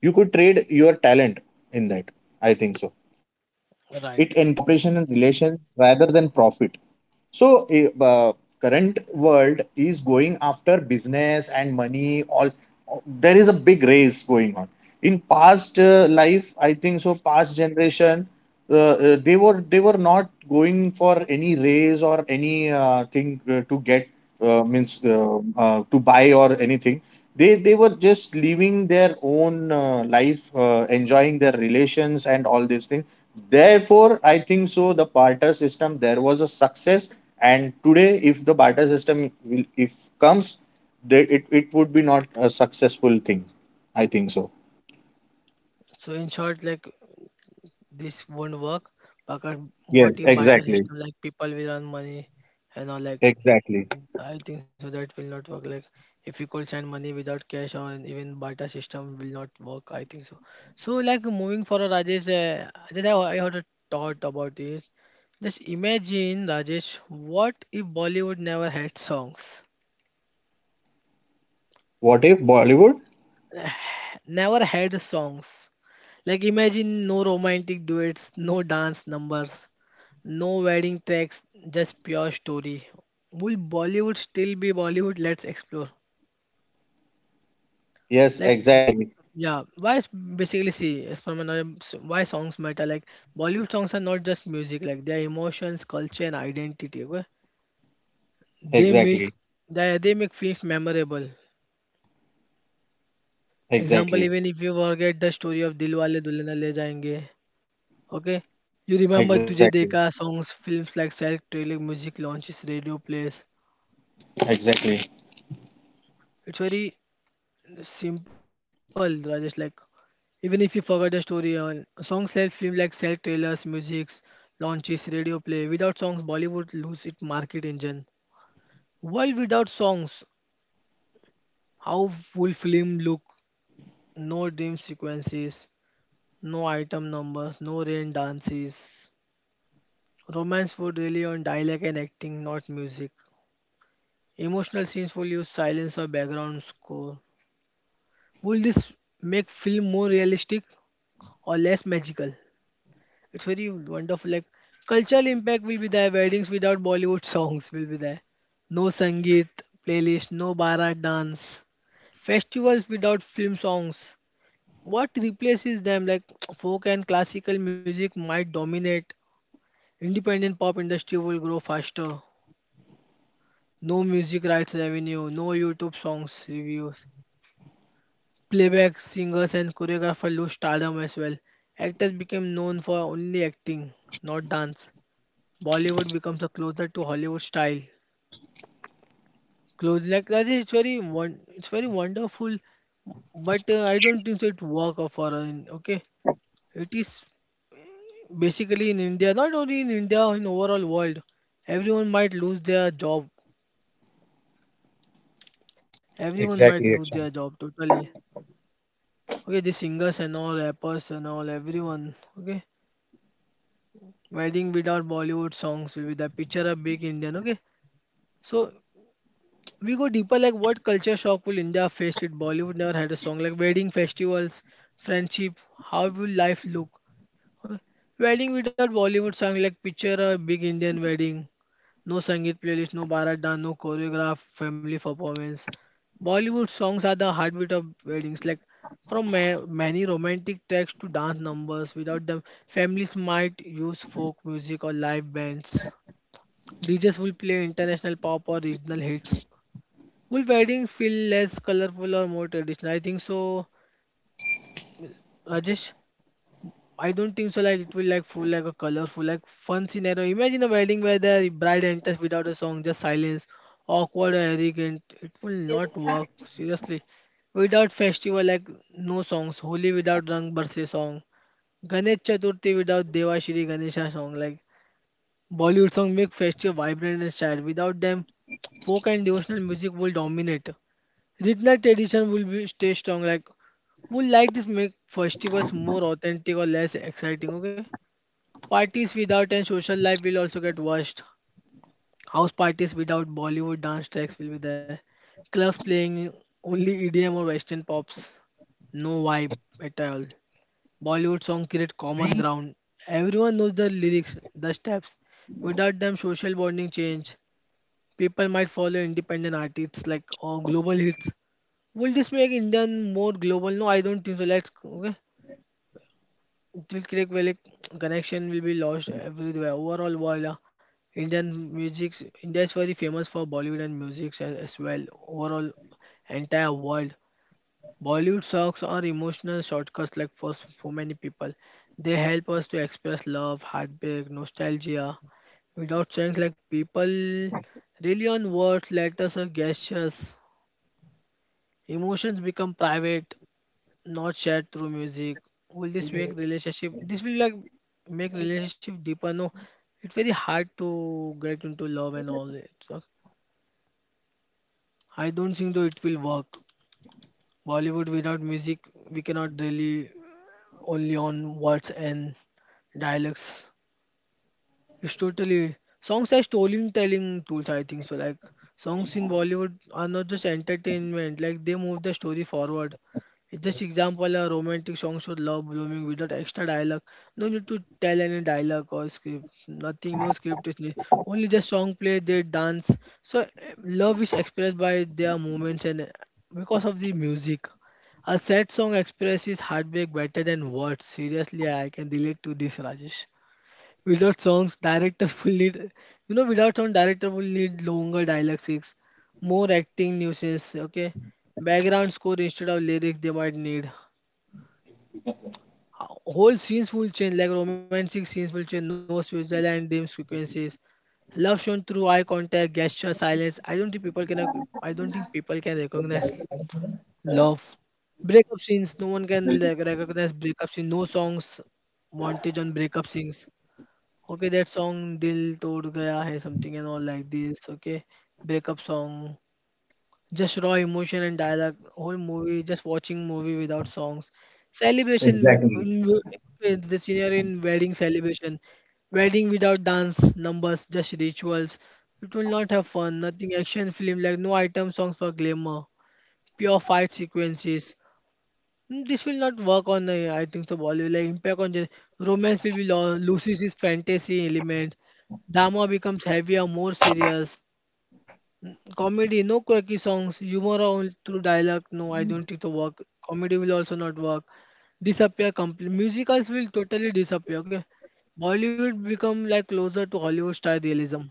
Speaker 2: You could trade your talent in that, I think so. It encourages
Speaker 1: right.
Speaker 2: cooperation and relations rather than profit. So eh, uh, current world is going after business and money all. There is a big race going on. In past uh, life, I think so, past generation, uh, uh, they were they were not going for any race or any uh, thing uh, to get, uh, means uh, uh, to buy or anything. They they were just living their own uh, life, uh, enjoying their relations and all these things. Therefore, I think so, the barter system there was a success, and today, if the barter system will if comes, they, it it would be not a successful thing, I think so.
Speaker 1: So in short, like this won't work. Because what
Speaker 2: Yes,
Speaker 1: if barter
Speaker 2: exactly,
Speaker 1: system like people will earn money and all, like
Speaker 2: exactly.
Speaker 1: I think so that will not work. Like if you could send money without cash or even barter system will not work. I think so. So like moving forward, Rajesh, uh, Rajesh, I, I had a thought about this. Just imagine, Rajesh, what if Bollywood never had songs?
Speaker 2: What if Bollywood?
Speaker 1: Never had songs. Like imagine no romantic duets, no dance numbers, no wedding tracks, just pure story. Will Bollywood still be Bollywood? Let's explore.
Speaker 2: Yes,
Speaker 1: Like
Speaker 2: exactly,
Speaker 1: yeah, why is basically see as per my knowledge, s- why songs matter? Like Bollywood songs are not just music, like they are emotions, culture, and identity. Okay? They make
Speaker 2: exactly,
Speaker 1: they, they make films memorable. Example,
Speaker 2: exactly,
Speaker 1: even if you forget the story of Dilwale Dulhania Le Jayenge, okay. You remember Tujhe
Speaker 2: exactly,
Speaker 1: Dekha songs, films like Self Trailer, music launches, radio plays.
Speaker 2: exactly,
Speaker 1: It's very simple, Rajesh. Like even if you forgot the story, uh, songs help film like Self Trailers, musics, launches, radio play. Without songs, Bollywood lose its market engine. World without songs, how full film look? No dream sequences, no item numbers, no rain dances. Romance would rely on dialogue and acting, not music. Emotional scenes will use silence or background score. Will this make film more realistic or less magical? It's very wonderful. Like cultural impact will be there. Weddings without Bollywood songs will be there. No Sangeet playlist, no Bharat dance. Festivals without film songs. What replaces them? Like folk and classical music might dominate. Independent pop industry will grow faster. No music rights revenue, no YouTube songs reviews. Playback singers and choreographers lose stardom as well. Actors became known for only acting, not dance. Bollywood becomes a closer to Hollywood style. Close like that is it's very one, it's very wonderful, but uh, I don't think so it work for uh, in- okay. It is basically in India, not only in India, in overall world, everyone might lose their job. Everyone might
Speaker 2: exactly,
Speaker 1: lose their
Speaker 2: Akshan.
Speaker 1: job totally. Okay, the singers and all rappers and all everyone. Okay, wedding without Bollywood songs with a picture of big Indian. Okay, so we go deeper. Like what culture shock will India face if Bollywood never had a song like wedding festivals, friendship? How will life look? Wedding without Bollywood song, like picture a big Indian wedding. No Sangeet playlist, no Bharat dance, no choreograph, family performance. Bollywood songs are the heartbeat of weddings. Like from ma- many romantic tracks to dance numbers, without them, families might use folk music or live bands. D Js will play international pop or regional hits. Will wedding feel less colorful or more traditional? I think so, Rajesh. I don't think so. Like it will like full like a colorful like fun scenario. Imagine a wedding where the bride enters without a song, just silence, awkward or arrogant. It will not work seriously. Without festival like no songs, Holi without Rang Barse song, Ganesh Chaturthi without Devashri Ganesha song. Like Bollywood song make festival vibrant and sad. Without them, folk and devotional music will dominate. Regional tradition will be stay strong. Like would like this make festivals more authentic or less exciting? Okay. Parties without and social life will also get worst. House parties without Bollywood dance tracks will be there. Clubs playing only E D M or Western pops. No vibe at all. Bollywood songs create common ground. Everyone knows the lyrics, the steps. Without them, social bonding change. People might follow independent artists like or global hits. Will this make Indian more global? No, I don't think so. Let's okay. दिल की एक well, connection will be lost everywhere. Overall, world uh, Indian music, India is very famous for Bollywood and music as, as well. Overall, entire world. Bollywood songs are emotional shortcuts like for so many people. They help us to express love, heartbreak, nostalgia. Without saying like people really on words, letters or gestures. Emotions become private not shared through music, will this make relationship this will like make relationship deeper? No, it's very hard to get into love and all. It's not, I don't think though it will work. Bollywood without music, we cannot really only on words and dialects. It's totally songs are storytelling tools, I think so. Like songs in Bollywood are not just entertainment; like they move the story forward. It's just example, a romantic song should love blooming without extra dialogue. No need to tell any dialogue or script. Nothing, no script is needed. Only the song play, they dance. So eh, love is expressed by their movements and eh, because of the music. A sad song expresses heartbreak better than words. Seriously, I can relate to this, Rajesh. Without songs, directors will need, you know, without song, director will need longer dialogue scenes, more acting nuisance, okay? Background score instead of lyrics they might need. Whole scenes will change, like romantic scenes will change, no visual and dim sequences. Love shown through eye contact, gesture, silence. I don't think people can, I don't think people can recognize love. Breakup scenes, no one can like, recognize breakup scenes. No songs, montage on breakup scenes. Okay, that song "Dil Tod Gaya Hai" something and all like this. Okay, breakup song, just raw emotion and dialogue. Whole movie, just watching movie without songs. Celebration,
Speaker 2: Exactly,
Speaker 1: in w- okay, the scenario in wedding celebration, wedding without dance, numbers, just rituals. It will not have fun. Nothing action film like no item songs for glamour. Pure fight sequences, mm, this will not work on, uh, I think so, Bollywood. Like impact on gen- romance will be lo- loses its fantasy element. Drama becomes heavier, more serious. Mm, comedy, no quirky songs. Humor only through dialogue. No, I don't think so work. Comedy will also not work. Disappear completely. Musicals will totally disappear. Okay, Bollywood become like closer to Hollywood style realism.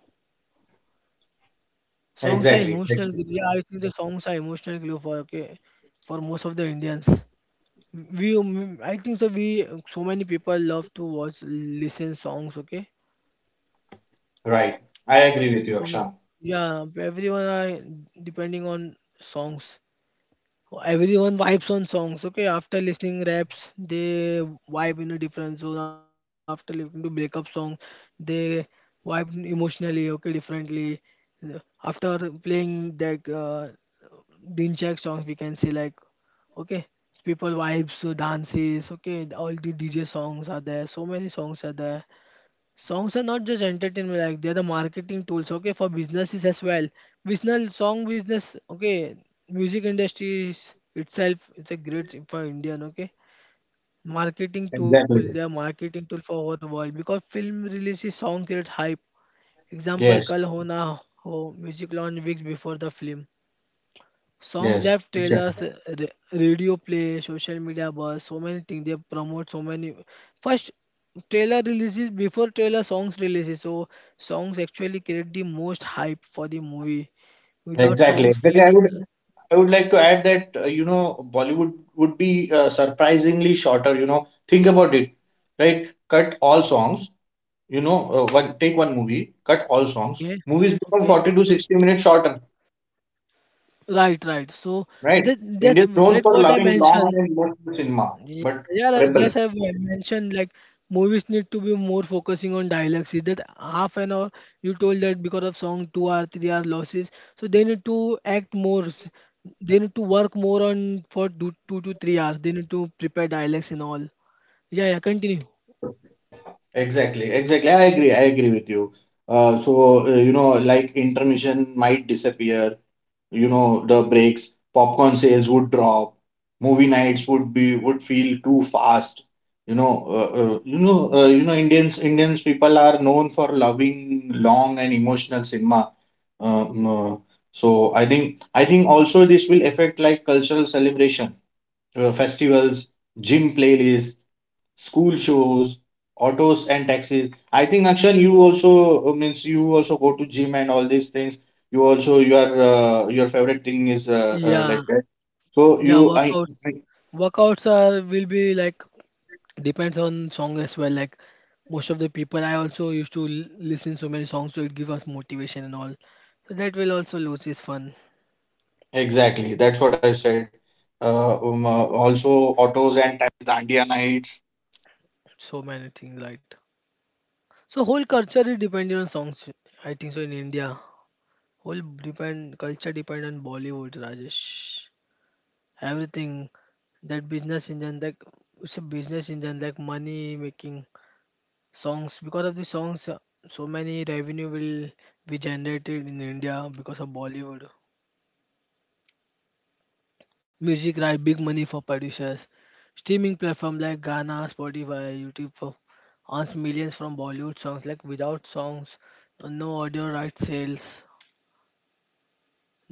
Speaker 1: Songs are
Speaker 2: exactly,
Speaker 1: emotional
Speaker 2: exactly.
Speaker 1: glue. Yeah, I think the songs are emotional glue for okay, for most of the Indians. We um, I think so we so many people love to watch listen songs, okay,
Speaker 2: Right. I agree with you,
Speaker 1: so ma-
Speaker 2: Akshan.
Speaker 1: yeah, everyone are depending on songs. Everyone vibes on songs, okay, after listening raps they vibe in a different zone. After listening to breakup song they vibe emotionally, okay, differently. After playing that Uh, Dinchak songs, we can say like okay people vibes, uh, dances, okay, all the DJ songs are there, so many songs are there. Songs are not just entertainment, like they're the marketing tools, okay, for businesses as well. Business song business, okay, music industry is itself, it's a great for Indian, okay, marketing tool. They are
Speaker 2: Exactly.
Speaker 1: marketing tool for our world because film releases song create hype, example kal
Speaker 2: Yes,
Speaker 1: ho na ho, music launch weeks before the film. Songs that
Speaker 2: yes.
Speaker 1: have trailers, uh, ra- radio play, social media buzz, so many things they promote. So many first trailer releases, before trailer songs releases. So songs actually create the most hype for the movie. Without
Speaker 2: Exactly.
Speaker 1: songs,
Speaker 2: Exactly. I
Speaker 1: films
Speaker 2: would I would like to add that uh, you know, Bollywood would be uh, surprisingly shorter. You know, think about it, right? Cut all songs. You know, uh, one take, one movie, cut all songs.
Speaker 1: okay,
Speaker 2: Movies become
Speaker 1: okay,
Speaker 2: forty to sixty minutes shorter,
Speaker 1: right, right. So
Speaker 2: right?
Speaker 1: that that
Speaker 2: India's known
Speaker 1: that
Speaker 2: for
Speaker 1: what I
Speaker 2: loving long
Speaker 1: mentioned.
Speaker 2: and emotional cinema,
Speaker 1: Yeah,
Speaker 2: but
Speaker 1: yeah, as
Speaker 2: rebel.
Speaker 1: just I've mentioned, like movies need to be more focusing on dialogues. Is that half an hour you told that because of song two or three hour losses, so they need to act more. s- They need to work more on for two, two to three hours. They need to prepare dialects and all. Yeah, yeah, continue.
Speaker 2: Exactly. Exactly. I agree. I agree with you. Uh, so uh, you know, like, intermission might disappear. You know, the breaks, popcorn sales would drop, movie nights would be would feel too fast. You know, uh, uh, you know uh, you know indians indians people are known for loving long and emotional cinema. um, uh, so i think i think also this will affect like cultural celebration, uh, festivals, gym playlists, school shows, autos and taxis. I think Akshan, you also uh, means you also go to gym and all these things. You also, your uh, your favorite thing is uh, uh,
Speaker 1: Yeah,
Speaker 2: like that. So
Speaker 1: yeah,
Speaker 2: you I
Speaker 1: workouts.
Speaker 2: I-
Speaker 1: Workouts are will be like depends on song as well. Like most of the people, I also used to l- listen so many songs, so it give us motivation and all. So that will also lose its fun.
Speaker 2: exactly, that's what I said. Uh, um, uh, also
Speaker 1: So many things, right? So whole culture is dependent on songs. I think so in India, whole depend culture depend on Bollywood, Rajesh. Everything that business engine, like it's a business engine, like money making songs. Because of the songs, uh, so many revenue will be generated in India because of Bollywood. Music right big money for producers. Streaming platform like Ghana, Spotify, YouTube for earns millions from Bollywood songs. Like without songs, no audio right sales,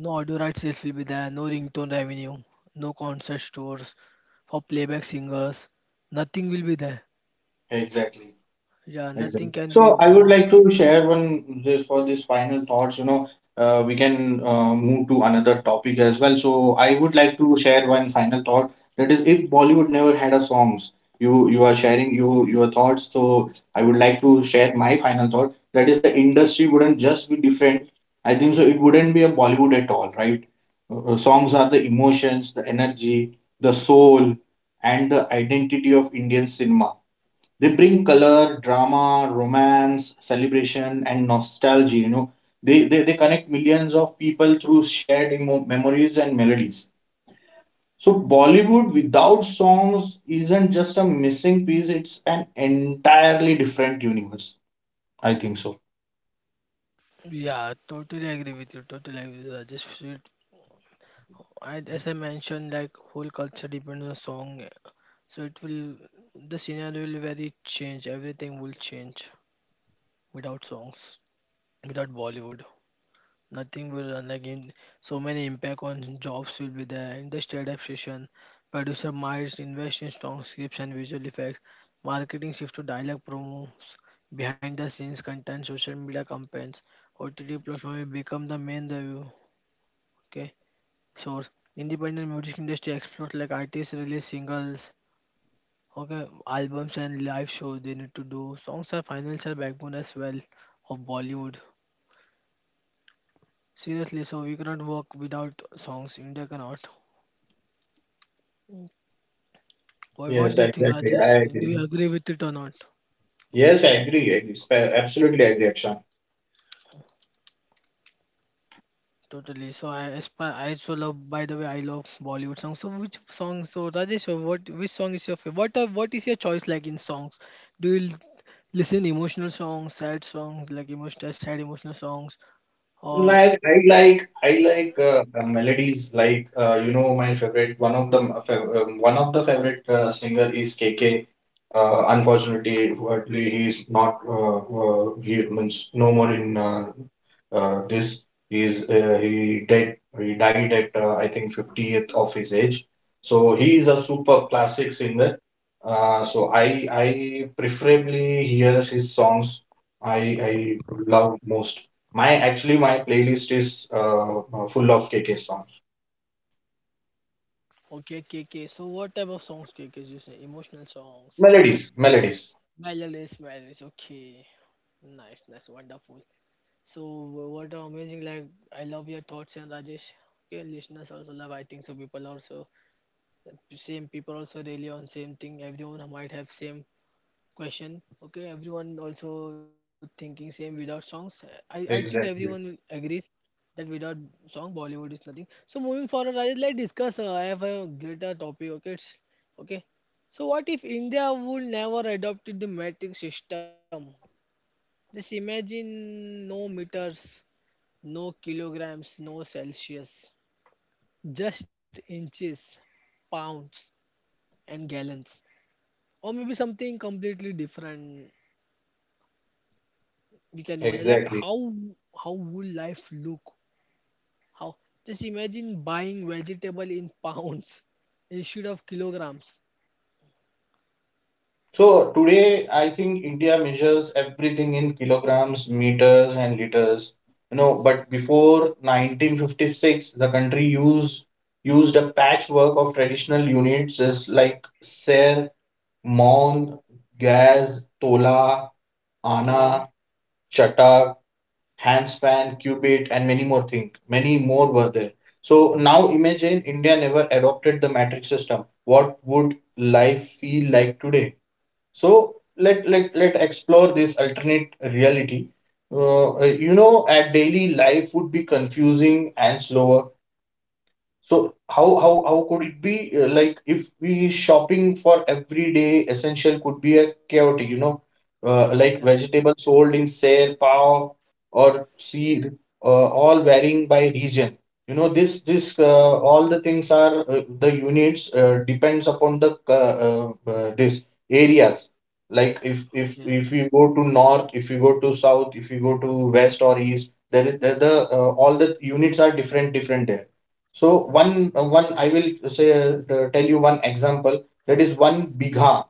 Speaker 1: no audio right sales will be there. No ringtone revenue, no concert stores for playback singers. Nothing will be there.
Speaker 2: exactly.
Speaker 1: Yeah,
Speaker 2: Exactly.
Speaker 1: nothing can
Speaker 2: So
Speaker 1: be
Speaker 2: I would
Speaker 1: work.
Speaker 2: like to share one this- for this final thoughts. You know, uh, we can uh, move to another topic as well. So I would like to share one final thought. That is, if Bollywood never had a songs, you you are sharing you your thoughts. So I would like to share my final thought. That is, the industry wouldn't just be different. I think so. It wouldn't be a Bollywood at all, right? Uh, uh, songs are the emotions, the energy, the soul, and the identity of Indian cinema. They bring color, drama, romance, celebration, and nostalgia. You know, they, they, they connect millions of people through shared emo- memories and melodies. So, Bollywood without songs isn't just a missing piece, it's an entirely different universe. I think so.
Speaker 1: Yeah, totally agree with you. Totally agree with you, Rajesh. Sweet. And as I mentioned, like whole culture depends on song. So it will, the scenario will very change. Everything will change without songs, without Bollywood. Nothing will like in so many impact on jobs will be there. Industry adaptation, producer might invest in strong scripts and visual effects. Marketing shift to dialogue promos, behind the scenes content, social media campaigns. O T T platform will become the main review. Okay, source. Independent music industry explodes like artists release singles, okay, albums and live shows they need to do. Songs are financial backbone as well of Bollywood. Seriously, so we cannot work without songs. India cannot. What what
Speaker 2: Yes,
Speaker 1: do you think,
Speaker 2: exactly. I
Speaker 1: Rajesh? Do you
Speaker 2: agree.
Speaker 1: agree with it or not?
Speaker 2: Yes, I agree. I agree. Spe- Absolutely agree, Akshan.
Speaker 1: Totally. So I aspire, I also love. By the way, I love Bollywood songs. So which song? So Rajesh, so what which song is your favorite? What are, what is your choice like in songs? Do you l- listen emotional songs, sad songs, like emotional sad emotional songs, or
Speaker 2: Like I like I like uh, uh, melodies. Like uh, you know, my favorite, one of the fa- um, one of the favorite uh, singer is K K. Uh, unfortunately, what- he is not uh, uh, he means no more in uh, uh, this. He is uh, he dead. He died at uh, I think fiftieth of his age. So he is a super classic singer. Uh, so I I preferably hear his songs. I I love most. My actually my playlist is uh, uh, full of K K songs,
Speaker 1: okay, K K. So what type of songs, K K you say? Emotional songs,
Speaker 2: melodies, melodies.
Speaker 1: melodies, melodies. Okay, nice, nice, wonderful. So wh- what are amazing. Like I love your thoughts and Rajesh. Okay, listeners also love. I think so. People also same people also really on same thing. Everyone might have same question. Okay, everyone also thinking same without songs. I I think everyone will
Speaker 2: Exactly.
Speaker 1: agrees that without song Bollywood is nothing. So moving forward, Rajesh, let's discuss. Uh, I have a greater topic. Okay, it's, okay. So what if India would never adopted the metric system? Just imagine no meters, no kilograms, no Celsius, just inches, pounds, and gallons, or maybe something completely different. We can imagine like
Speaker 2: Exactly.
Speaker 1: how how would life look how just imagine buying vegetable in pounds instead of kilograms.
Speaker 2: So today, I think India measures everything in kilograms, meters, and liters. You know, but before nineteen fifty-six, the country used used a patchwork of traditional units, as like ser, mon, gaz, tola,
Speaker 1: Okay.
Speaker 2: ana, chatak, handspan, qubit, and many more things. Many more were there. So now imagine India never adopted the matrix system. What would life feel like today? So let let let explore this alternate reality. Uh, you know, at daily life would be confusing and slower. So how how how could it be? Uh, like, if we shopping for everyday essential could be a chaotic, you know, uh, like
Speaker 1: Yeah,
Speaker 2: vegetables sold in sale, pav or seed, uh, all varying by region. You know, this this uh, all the things are uh, the units uh, depends upon the uh, uh, uh, this areas. Like if if
Speaker 1: yeah,
Speaker 2: if you go to north, if you go to south, if you go to west or east, there is- the, the uh, all the units are different different there. So one uh, one I will say uh, uh, tell you one example. That is one bigha,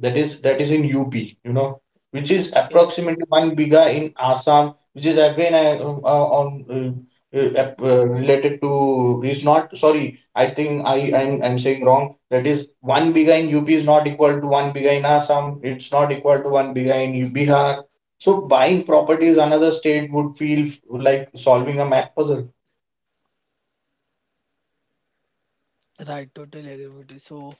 Speaker 2: that is that is in U P, you know, which is
Speaker 1: okay.
Speaker 2: approximately one bigha in Assam, which is again I, uh, uh, on uh, uh, ap- uh, related to is not sorry, I think I I'm, I'm saying wrong. That is one bigha in U P is not equal to one bigha in Assam, it's not equal to one bigha in Bihar. So buying properties another state would feel like solving a math puzzle.
Speaker 1: Right, totally agree with you. So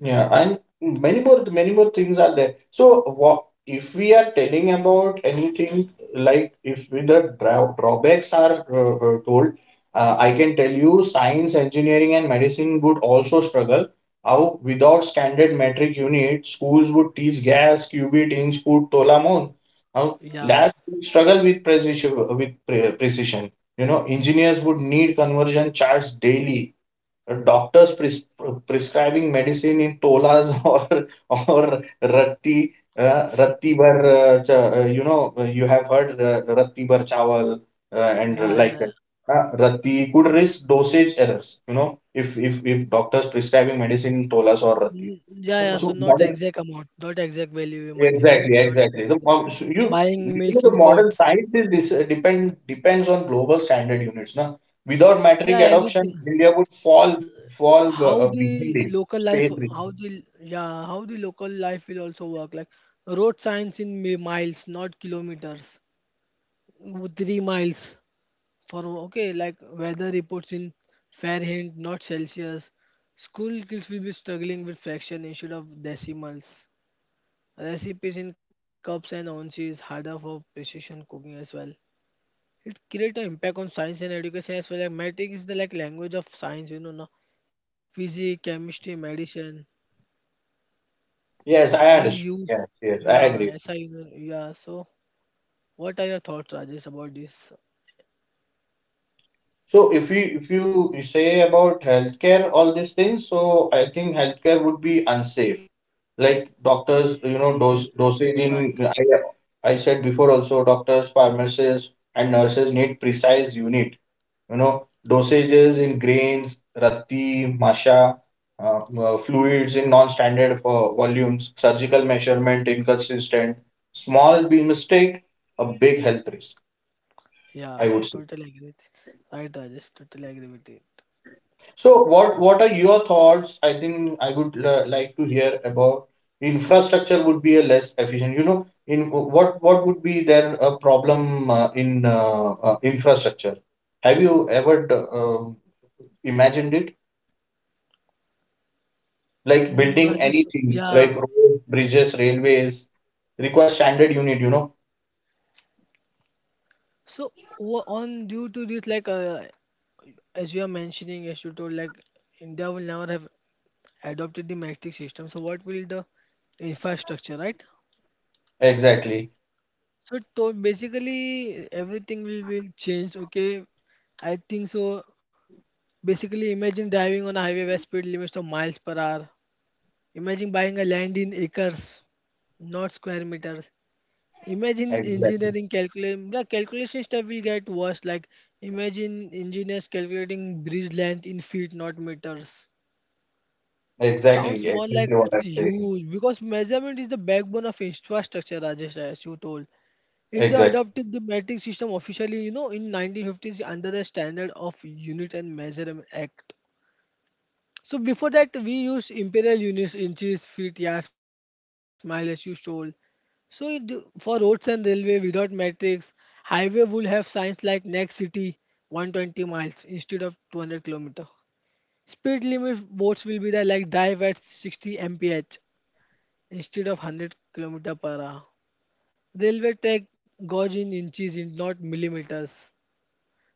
Speaker 2: Yeah, and many more many more things are there. So what if we are telling about anything, like if we, the draw, drawbacks are uh, uh, told, uh, I can tell you science, engineering, and medicine would also struggle. How without standard metric unit, schools would teach gas, cubit, inch, foot, tola, mole. How
Speaker 1: yeah,
Speaker 2: labs would struggle with precision. With pre- precision, you know, engineers would need conversion charts daily. Doctors pres prescribing medicine in tolas or or ratti, uh, ratti bhar uh, cha- uh, you know, uh, you have heard uh, ratti bhar chawal, uh, and
Speaker 1: yeah, yeah,
Speaker 2: like that.
Speaker 1: yeah.
Speaker 2: Uh, ratti could risk dosage errors. You know, if if if doctors prescribing medicine in tolas or ratti.
Speaker 1: Mm, yeah, yeah, so
Speaker 2: So
Speaker 1: not exact amount, not exact value you might get,
Speaker 2: exactly,
Speaker 1: not
Speaker 2: exactly.
Speaker 1: exact-
Speaker 2: The, um, so you,
Speaker 1: buying
Speaker 2: you
Speaker 1: milk
Speaker 2: know,
Speaker 1: in
Speaker 2: the
Speaker 1: courts.
Speaker 2: modern science is dis- depend depends on global standard units. Na without
Speaker 1: Yeah,
Speaker 2: metric
Speaker 1: everything.
Speaker 2: adoption, India would fall fall uh,
Speaker 1: How
Speaker 2: uh, behind
Speaker 1: the
Speaker 2: in
Speaker 1: local life,
Speaker 2: space research.
Speaker 1: how the, yeah, how the local life will also work like road signs in mi- miles not kilometers, w- three miles for okay like weather reports in Fahrenheit, not Celsius. School kids will be struggling with fraction instead of decimals. Recipes in cups and ounces harder for precision cooking as well. It creates an impact on science and education as well. Like mathematics is the like language of science, you know, na? Physics, chemistry, medicine,
Speaker 2: Yes, I
Speaker 1: all
Speaker 2: understand.
Speaker 1: used.
Speaker 2: Yes, yes, I
Speaker 1: Yeah,
Speaker 2: agree.
Speaker 1: S I, yeah. So, what are your thoughts, Rajesh, about this?
Speaker 2: So, if you if you say about healthcare, all these things, so I think healthcare would be unsafe. Like doctors, you know,
Speaker 1: Okay,
Speaker 2: dose dosage
Speaker 1: right.
Speaker 2: in, I, I said before also, doctors, pharmacists, and nurses need precise unit, you know, dosages in grains, rati masha, uh, uh, fluids in non-standard for volumes, surgical measurement inconsistent, small b mistake, a big health risk,
Speaker 1: Yeah,
Speaker 2: I would say.
Speaker 1: totally agree with right, Rajesh. Totally agree with it.
Speaker 2: So what what are your thoughts? I think I would uh, like to hear about infrastructure would be a less efficient, you know, in what what would be there a problem uh, in uh, uh, infrastructure. Have you ever uh, um, imagined it, like
Speaker 1: Mm,
Speaker 2: building
Speaker 1: Rajesh,
Speaker 2: anything like
Speaker 1: yeah.
Speaker 2: roads, bridges, railways requires standard unit, you know?
Speaker 1: So wha- on due to this, like uh, as you are mentioning, as you told, like India will never have adopted the metric system. So what will the infrastructure, right?
Speaker 2: Exactly.
Speaker 1: So to basically everything will be changed. Okay, I think so. Basically, imagine driving on a highway where speed limits of miles per hour. Imagine buying a land in acres, not square meters. Imagine
Speaker 2: Exactly.
Speaker 1: engineering calculating the calculation step will get worse. Like imagine engineers calculating bridge length in feet, not meters.
Speaker 2: Exactly.
Speaker 1: Sounds more like
Speaker 2: Exactly what
Speaker 1: it's
Speaker 2: I'm saying.
Speaker 1: huge because measurement is the backbone of infrastructure, Rajesh, as you told. India
Speaker 2: Exactly.
Speaker 1: adopted the metric system officially, you know, in nineteen fifties under the Standard of Unit and Measurement Act. So before that, we used imperial units, inches, feet, yards, miles, as you told. So it, for roads and railway without metrics, highway would have signs like next city one hundred twenty miles instead of two hundred kilometer. Speed limit boards will be there like dive at sixty m p h instead of one hundred kilometer per hour. Railway tech gauge in inches, in not millimeters.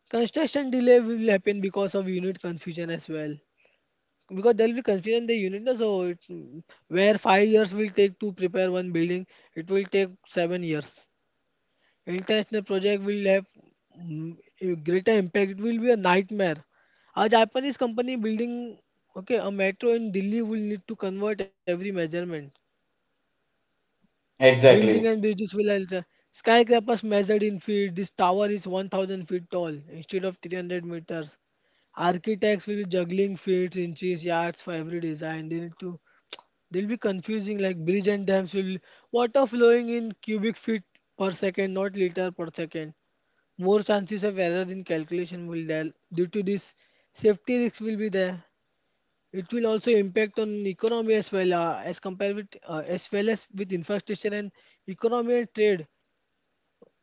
Speaker 1: Construction delay will happen because of unit confusion as well. Because there will be confusion in the unit, no? So it, where five years will take to prepare one building, it will take seven years. International project will have mm, a greater impact. It will be a nightmare. A Japanese company building okay a metro in Delhi will need to convert every measurement. Building and
Speaker 2: Exactly.
Speaker 1: bridges will alter. Skyscrapers measured in feet. This tower is one thousand feet tall instead of three hundred meters. Architects will be juggling feet, inches, yards for every design. They need to. They'll be confusing. Like bridge and dams will water flowing in cubic feet per second, not liter per second, more chances of error in calculation will there due to this, safety risks will be there. It will also impact on economy as well uh, as compared with uh, as well as with infrastructure and economy and trade.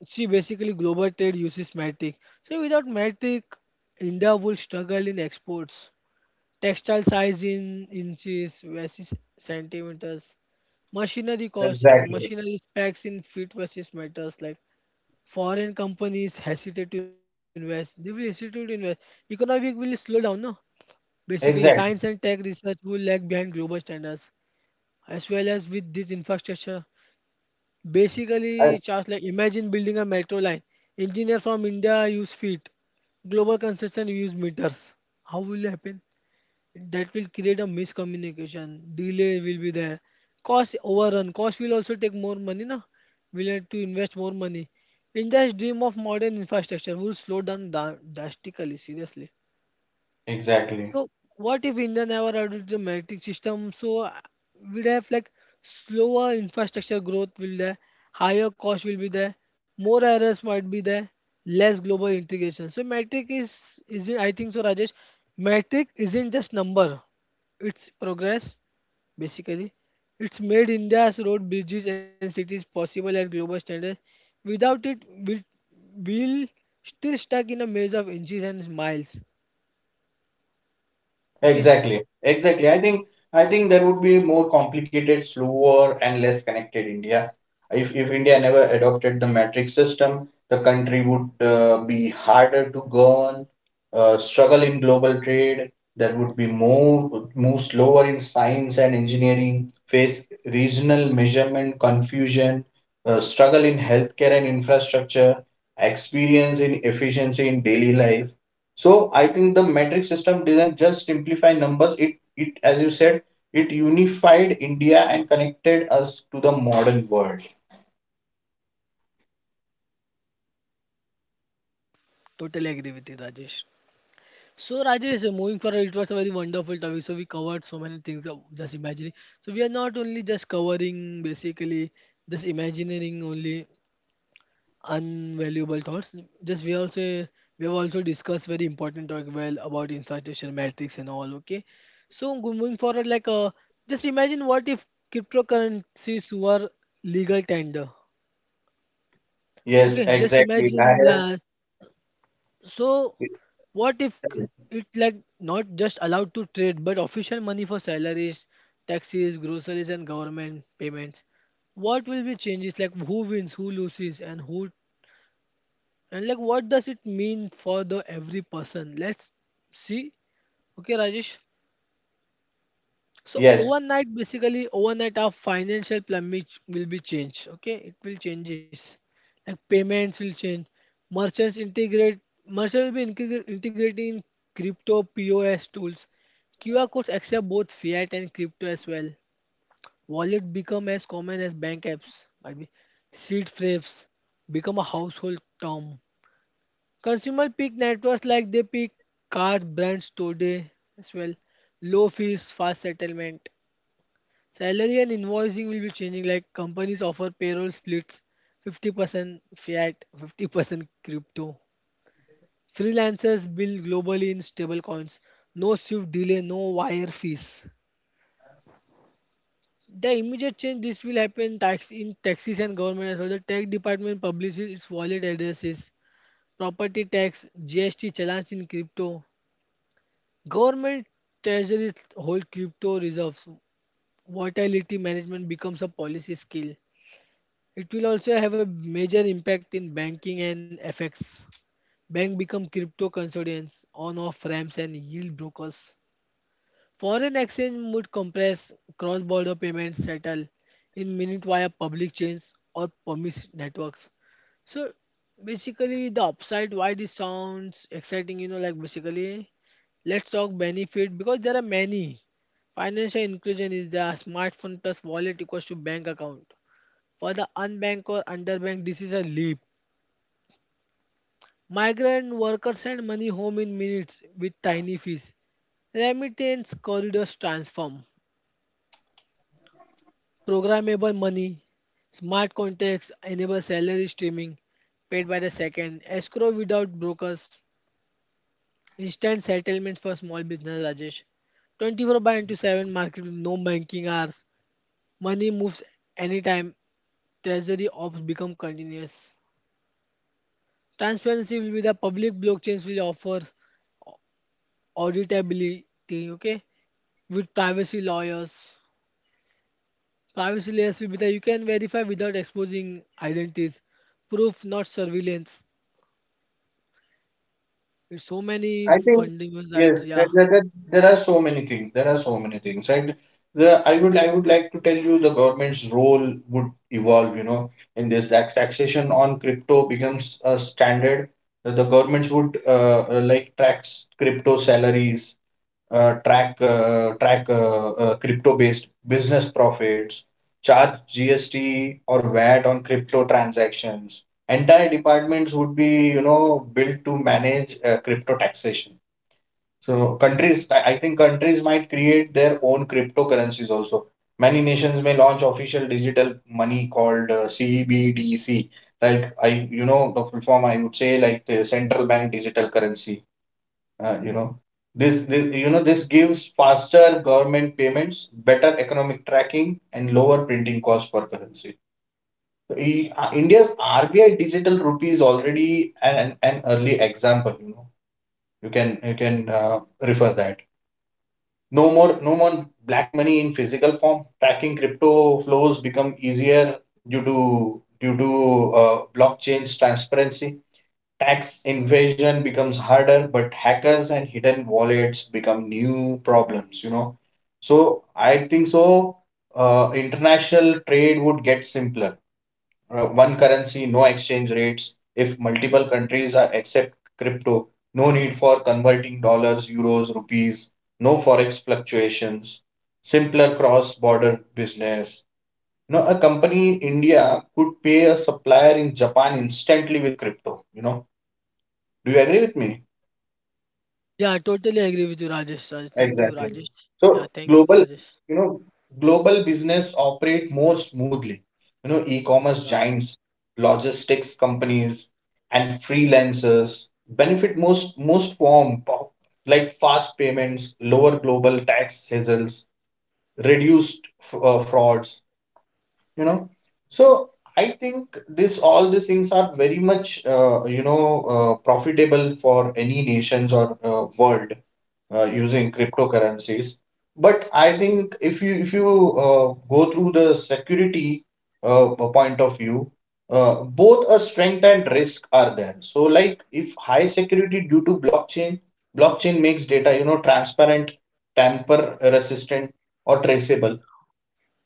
Speaker 1: See, basically global trade uses matic, so without matic India will struggle in exports, textile size in inches versus centimeters, machinery cost and
Speaker 2: Exactly.
Speaker 1: machinery specs in feet versus meters, like foreign companies hesitate to invest. They will hesitate to invest. Economic will slow down, no? Basically, science and
Speaker 2: Exactly.
Speaker 1: tech research will lag behind global standards. As well as with this infrastructure,
Speaker 2: I-
Speaker 1: basically, just like imagine building a metro line. Engineer from India use feet. Global construction use meters. How will it happen? That will create a miscommunication. Delay will be there. Cost overrun. Cost will also take more money, na? We'll have to invest more money. India's dream of modern infrastructure will slow down dra- drastically, seriously.
Speaker 2: exactly.
Speaker 1: So what if India never adopted the metric system? So uh, we'd have like slower infrastructure growth will there, higher cost will be there, more errors might be there, less global integration. So metric is isn't, I think so Rajesh, metric isn't just number, it's progress basically. It's made India's road, bridges and cities possible at global standards. Without it, we'll, we'll still stuck in a maze of inches and miles. Okay.
Speaker 2: Exactly. Exactly. I think I think there would be more complicated, slower, and less connected India. If if India never adopted the metric system, the country would uh, be harder to govern, uh, struggle in global trade. There would be more move slower in science and engineering, face regional measurement confusion, uh, struggle in healthcare and infrastructure, experience in efficiency in daily life. So I think the metric system didn't just simplify numbers. It it as you said, it unified India and connected us to the modern world.
Speaker 1: Totally agree with you, Rajesh. So, Rajesh, uh, moving forward, it was a very wonderful topic. So, we covered so many things of just imagining. So, we are not only just covering basically just imagining only unvaluable thoughts. Just we also we have also discussed very important talk well about infatuation matrix and all. Okay, so go- moving forward, like uh, just imagine what if cryptocurrencies were legal tender.
Speaker 2: Yes,
Speaker 1: Okay, just
Speaker 2: exactly. I
Speaker 1: imagine
Speaker 2: have,
Speaker 1: that. So, what if c- it like not just allowed to trade, but official money for salaries, taxes, groceries, and government payments? What will be changes? Like who wins, who loses, and who and like what does it mean for the every person? Let's see. Okay, Rajesh. So
Speaker 2: yes,
Speaker 1: overnight, basically, overnight our financial plan which will be changed. Okay, it will changes. Like payments will change. Merchants integrate. Merchants will be integra- integrating crypto P O S tools. Q R codes accept both fiat and crypto as well. Wallet become as common as bank apps. Might be seed frames become a household term. Consumer pick networks like they pick card brands today as well. Low fees, fast settlement. Salary and invoicing will be changing. Like companies offer payroll splits, fifty percent fiat, fifty percent crypto. Freelancers bill globally in stable coins. No Swift delay, no wire fees. The immediate change this will happen tax in taxes and government as well. The tax department publishes its wallet addresses, property tax, G S T challenge in crypto. Government treasuries hold crypto reserves. Volatility management becomes a policy skill. It will also have a major impact in banking and F X. Bank become crypto custodians, on-off ramps and yield brokers. Foreign exchange would compress cross-border payments settle in minute via public chains or permit networks. So basically the upside why this sounds exciting, you know, like basically let's talk benefit because there are many. Financial inclusion is the smartphone plus wallet equals to bank account. For the unbanked or underbanked, this is a leap. Migrant workers send money home in minutes with tiny fees. Remittance corridors transform. Programmable money, smart contracts enable salary streaming, paid by the second, escrow without brokers, instant settlement for small business, Rajesh. twenty-four by into seven market with no banking hours. Money moves anytime. Treasury ops become continuous. Transparency will be the public blockchains will offer auditability, okay, with privacy lawyers. Privacy layers will be that you can verify without exposing identities. Proof, not surveillance. There's so many
Speaker 2: I think
Speaker 1: fundamentals
Speaker 2: yes,
Speaker 1: that,
Speaker 2: there,
Speaker 1: yeah.
Speaker 2: there, there there are so many things. There are so many things, and the I would I would like to tell you the government's role would evolve. You know, in this tax taxation on crypto becomes a standard. The, the governments would uh, uh, like tax crypto salaries, uh, track uh, track uh, uh, crypto based business profits, charge G S T or V A T on crypto transactions, entire departments would be, you know, built to manage uh, crypto taxation. So countries I I think countries might create their own cryptocurrencies also. Many nations may launch official digital money called uh, C B D C, right. I, you know, the full form I would say, like the central bank digital currency. Uh, you know, this, this you know, this gives faster government payments, better economic tracking, and lower printing costs for currency. I- uh, India's R B I digital rupee is already an, an early example. You know, you can you can uh, refer that. No more no more black money in physical form. Tracking crypto flows become easier due to due to uh, blockchain's transparency. Tax invasion becomes harder, but hackers and hidden wallets become new problems. You know, so I think so. Uh, international trade would get simpler, uh, one currency, no exchange rates. If multiple countries are accept crypto, no need for converting dollars, euros, rupees, no forex fluctuations, simpler cross-border business. Now, a company in India could pay a supplier in Japan instantly with crypto. You know, do you agree with me?
Speaker 1: Yeah, I totally agree with you, Rajesh. Rajesh. Thank you,
Speaker 2: Exactly.
Speaker 1: Rajesh. Yeah,
Speaker 2: So
Speaker 1: thank you,
Speaker 2: global,
Speaker 1: Rajesh.
Speaker 2: you know, global business operate more smoothly. You know, e-commerce
Speaker 1: Yeah,
Speaker 2: giants, logistics companies, and freelancers benefit most most form po-, like fast payments, lower global tax hassles, reduced f- uh, frauds. You know, so I think this all these things are very much uh, you know uh, profitable for any nations or uh, world uh, using cryptocurrencies. But I think if you if you uh, go through the security uh, point of view, uh, both a strength and risk are there. So like if high security due to blockchain, blockchain makes data, you know, transparent, tamper resistant, or traceable.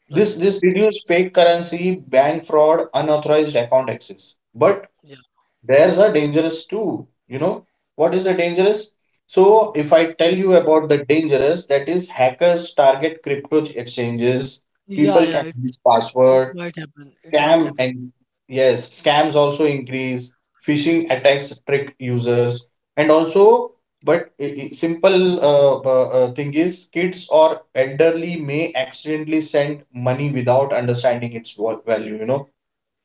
Speaker 2: This this reduce fake currency, bank fraud, unauthorized account access. But
Speaker 1: yeah,
Speaker 2: theirs are dangerous too. You know, what is the dangerous? So, if I tell you
Speaker 1: totally-
Speaker 2: about the dangerous, that is hackers target crypto exchanges,
Speaker 1: yeah,
Speaker 2: people
Speaker 1: yeah,
Speaker 2: can leak
Speaker 1: it's, it
Speaker 2: password,
Speaker 1: might happen. It might
Speaker 2: scam,
Speaker 1: happen.
Speaker 2: and yes, scams also increase, phishing attacks trick users, and also, but i- i- simple uh, uh, uh, thing is, kids or elderly may accidentally send money without understanding its val- value, you know,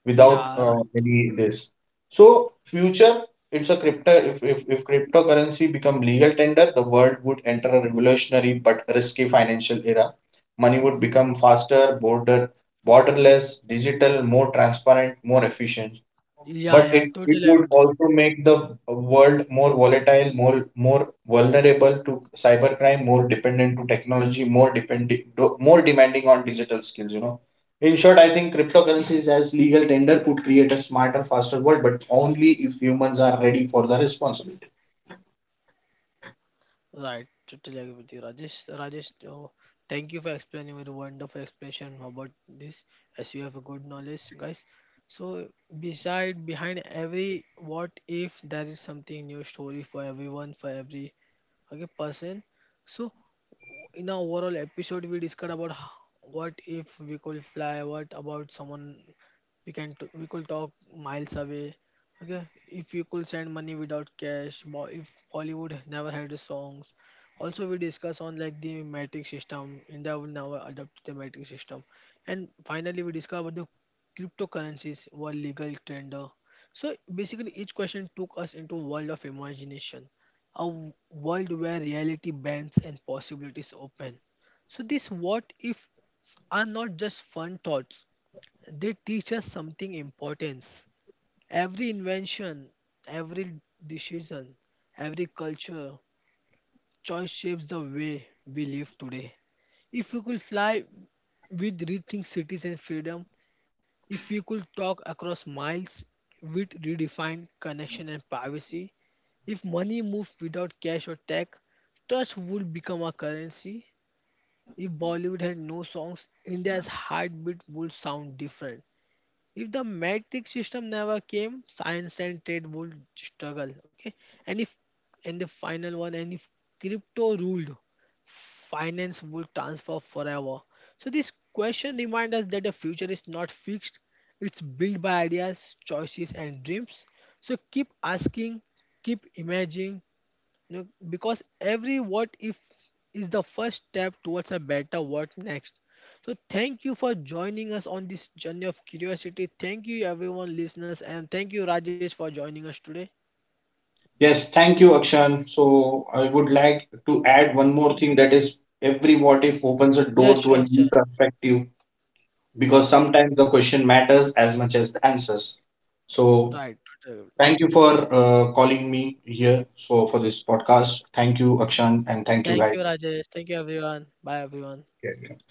Speaker 2: without
Speaker 1: Yeah,
Speaker 2: uh,
Speaker 1: right.
Speaker 2: any this. So future, it's a crypto. If, if if cryptocurrency become legal tender, the world would enter a revolutionary but risky financial era. Money would become faster, border borderless, digital, more transparent, more efficient,
Speaker 1: Yeah,
Speaker 2: but
Speaker 1: yeah,
Speaker 2: it, it
Speaker 1: totally agree
Speaker 2: would
Speaker 1: with you.
Speaker 2: also make the world more volatile, more more vulnerable to cybercrime, more dependent to technology, more dependent, more demanding on digital skills. You know, in short, I think cryptocurrencies as legal tender could create a smarter, faster world, but only if humans are ready for the responsibility.
Speaker 1: Right, totally agree with you, Rajesh. So, Rajesh, oh, thank you for explaining your wonderful explanation about this, as you have a good knowledge, guys. So, beside behind every what if there is something new story for everyone, for every okay person. So, in our overall episode, we discussed about h- what if we could fly, what about someone we can t- we could talk miles away. Okay, if you could send money without cash, bo- if Bollywood never had the songs. Also, we discuss on like the metric system. India will never adopt the metric system, and finally, we discuss about the cryptocurrencies were legal tender. So basically, each question took us into a world of imagination, a w- world where reality bends and possibilities open. So, these what ifs are not just fun thoughts, they teach us something important. Every invention, every decision, every culture, choice shapes the way we live today. If we could fly, we'd rethink cities and freedom. If we could talk across miles, we'd redefine connection and privacy. If money moved without cash or tech, trust would become a currency. If Bollywood had no songs, India's heartbeat would sound different. If the metric system never came, science and trade would struggle. Okay, and if and the final one, and if crypto ruled, finance would transfer forever. So this question reminds us that the future is not fixed; it's built by ideas, choices, and dreams. So keep asking, keep imagining, you know, because every what if is the first step towards a better what next. So thank you for joining us on this journey of curiosity. Thank you everyone listeners and thank you Rajesh for joining us today.
Speaker 2: Yes, thank you, Akshan. So I would like to add one more thing, that is every what if opens a
Speaker 1: Yeah,
Speaker 2: door to
Speaker 1: sure,
Speaker 2: a
Speaker 1: sure.
Speaker 2: new perspective,
Speaker 1: Wow.
Speaker 2: because sometimes the question matters as much as the answers. So,
Speaker 1: Right.
Speaker 2: thank you for uh, calling me here. So, for this podcast, thank you, Akshan, and
Speaker 1: Thank you
Speaker 2: thank you,
Speaker 1: Rajesh. Thank you everyone. Bye everyone.
Speaker 2: guys.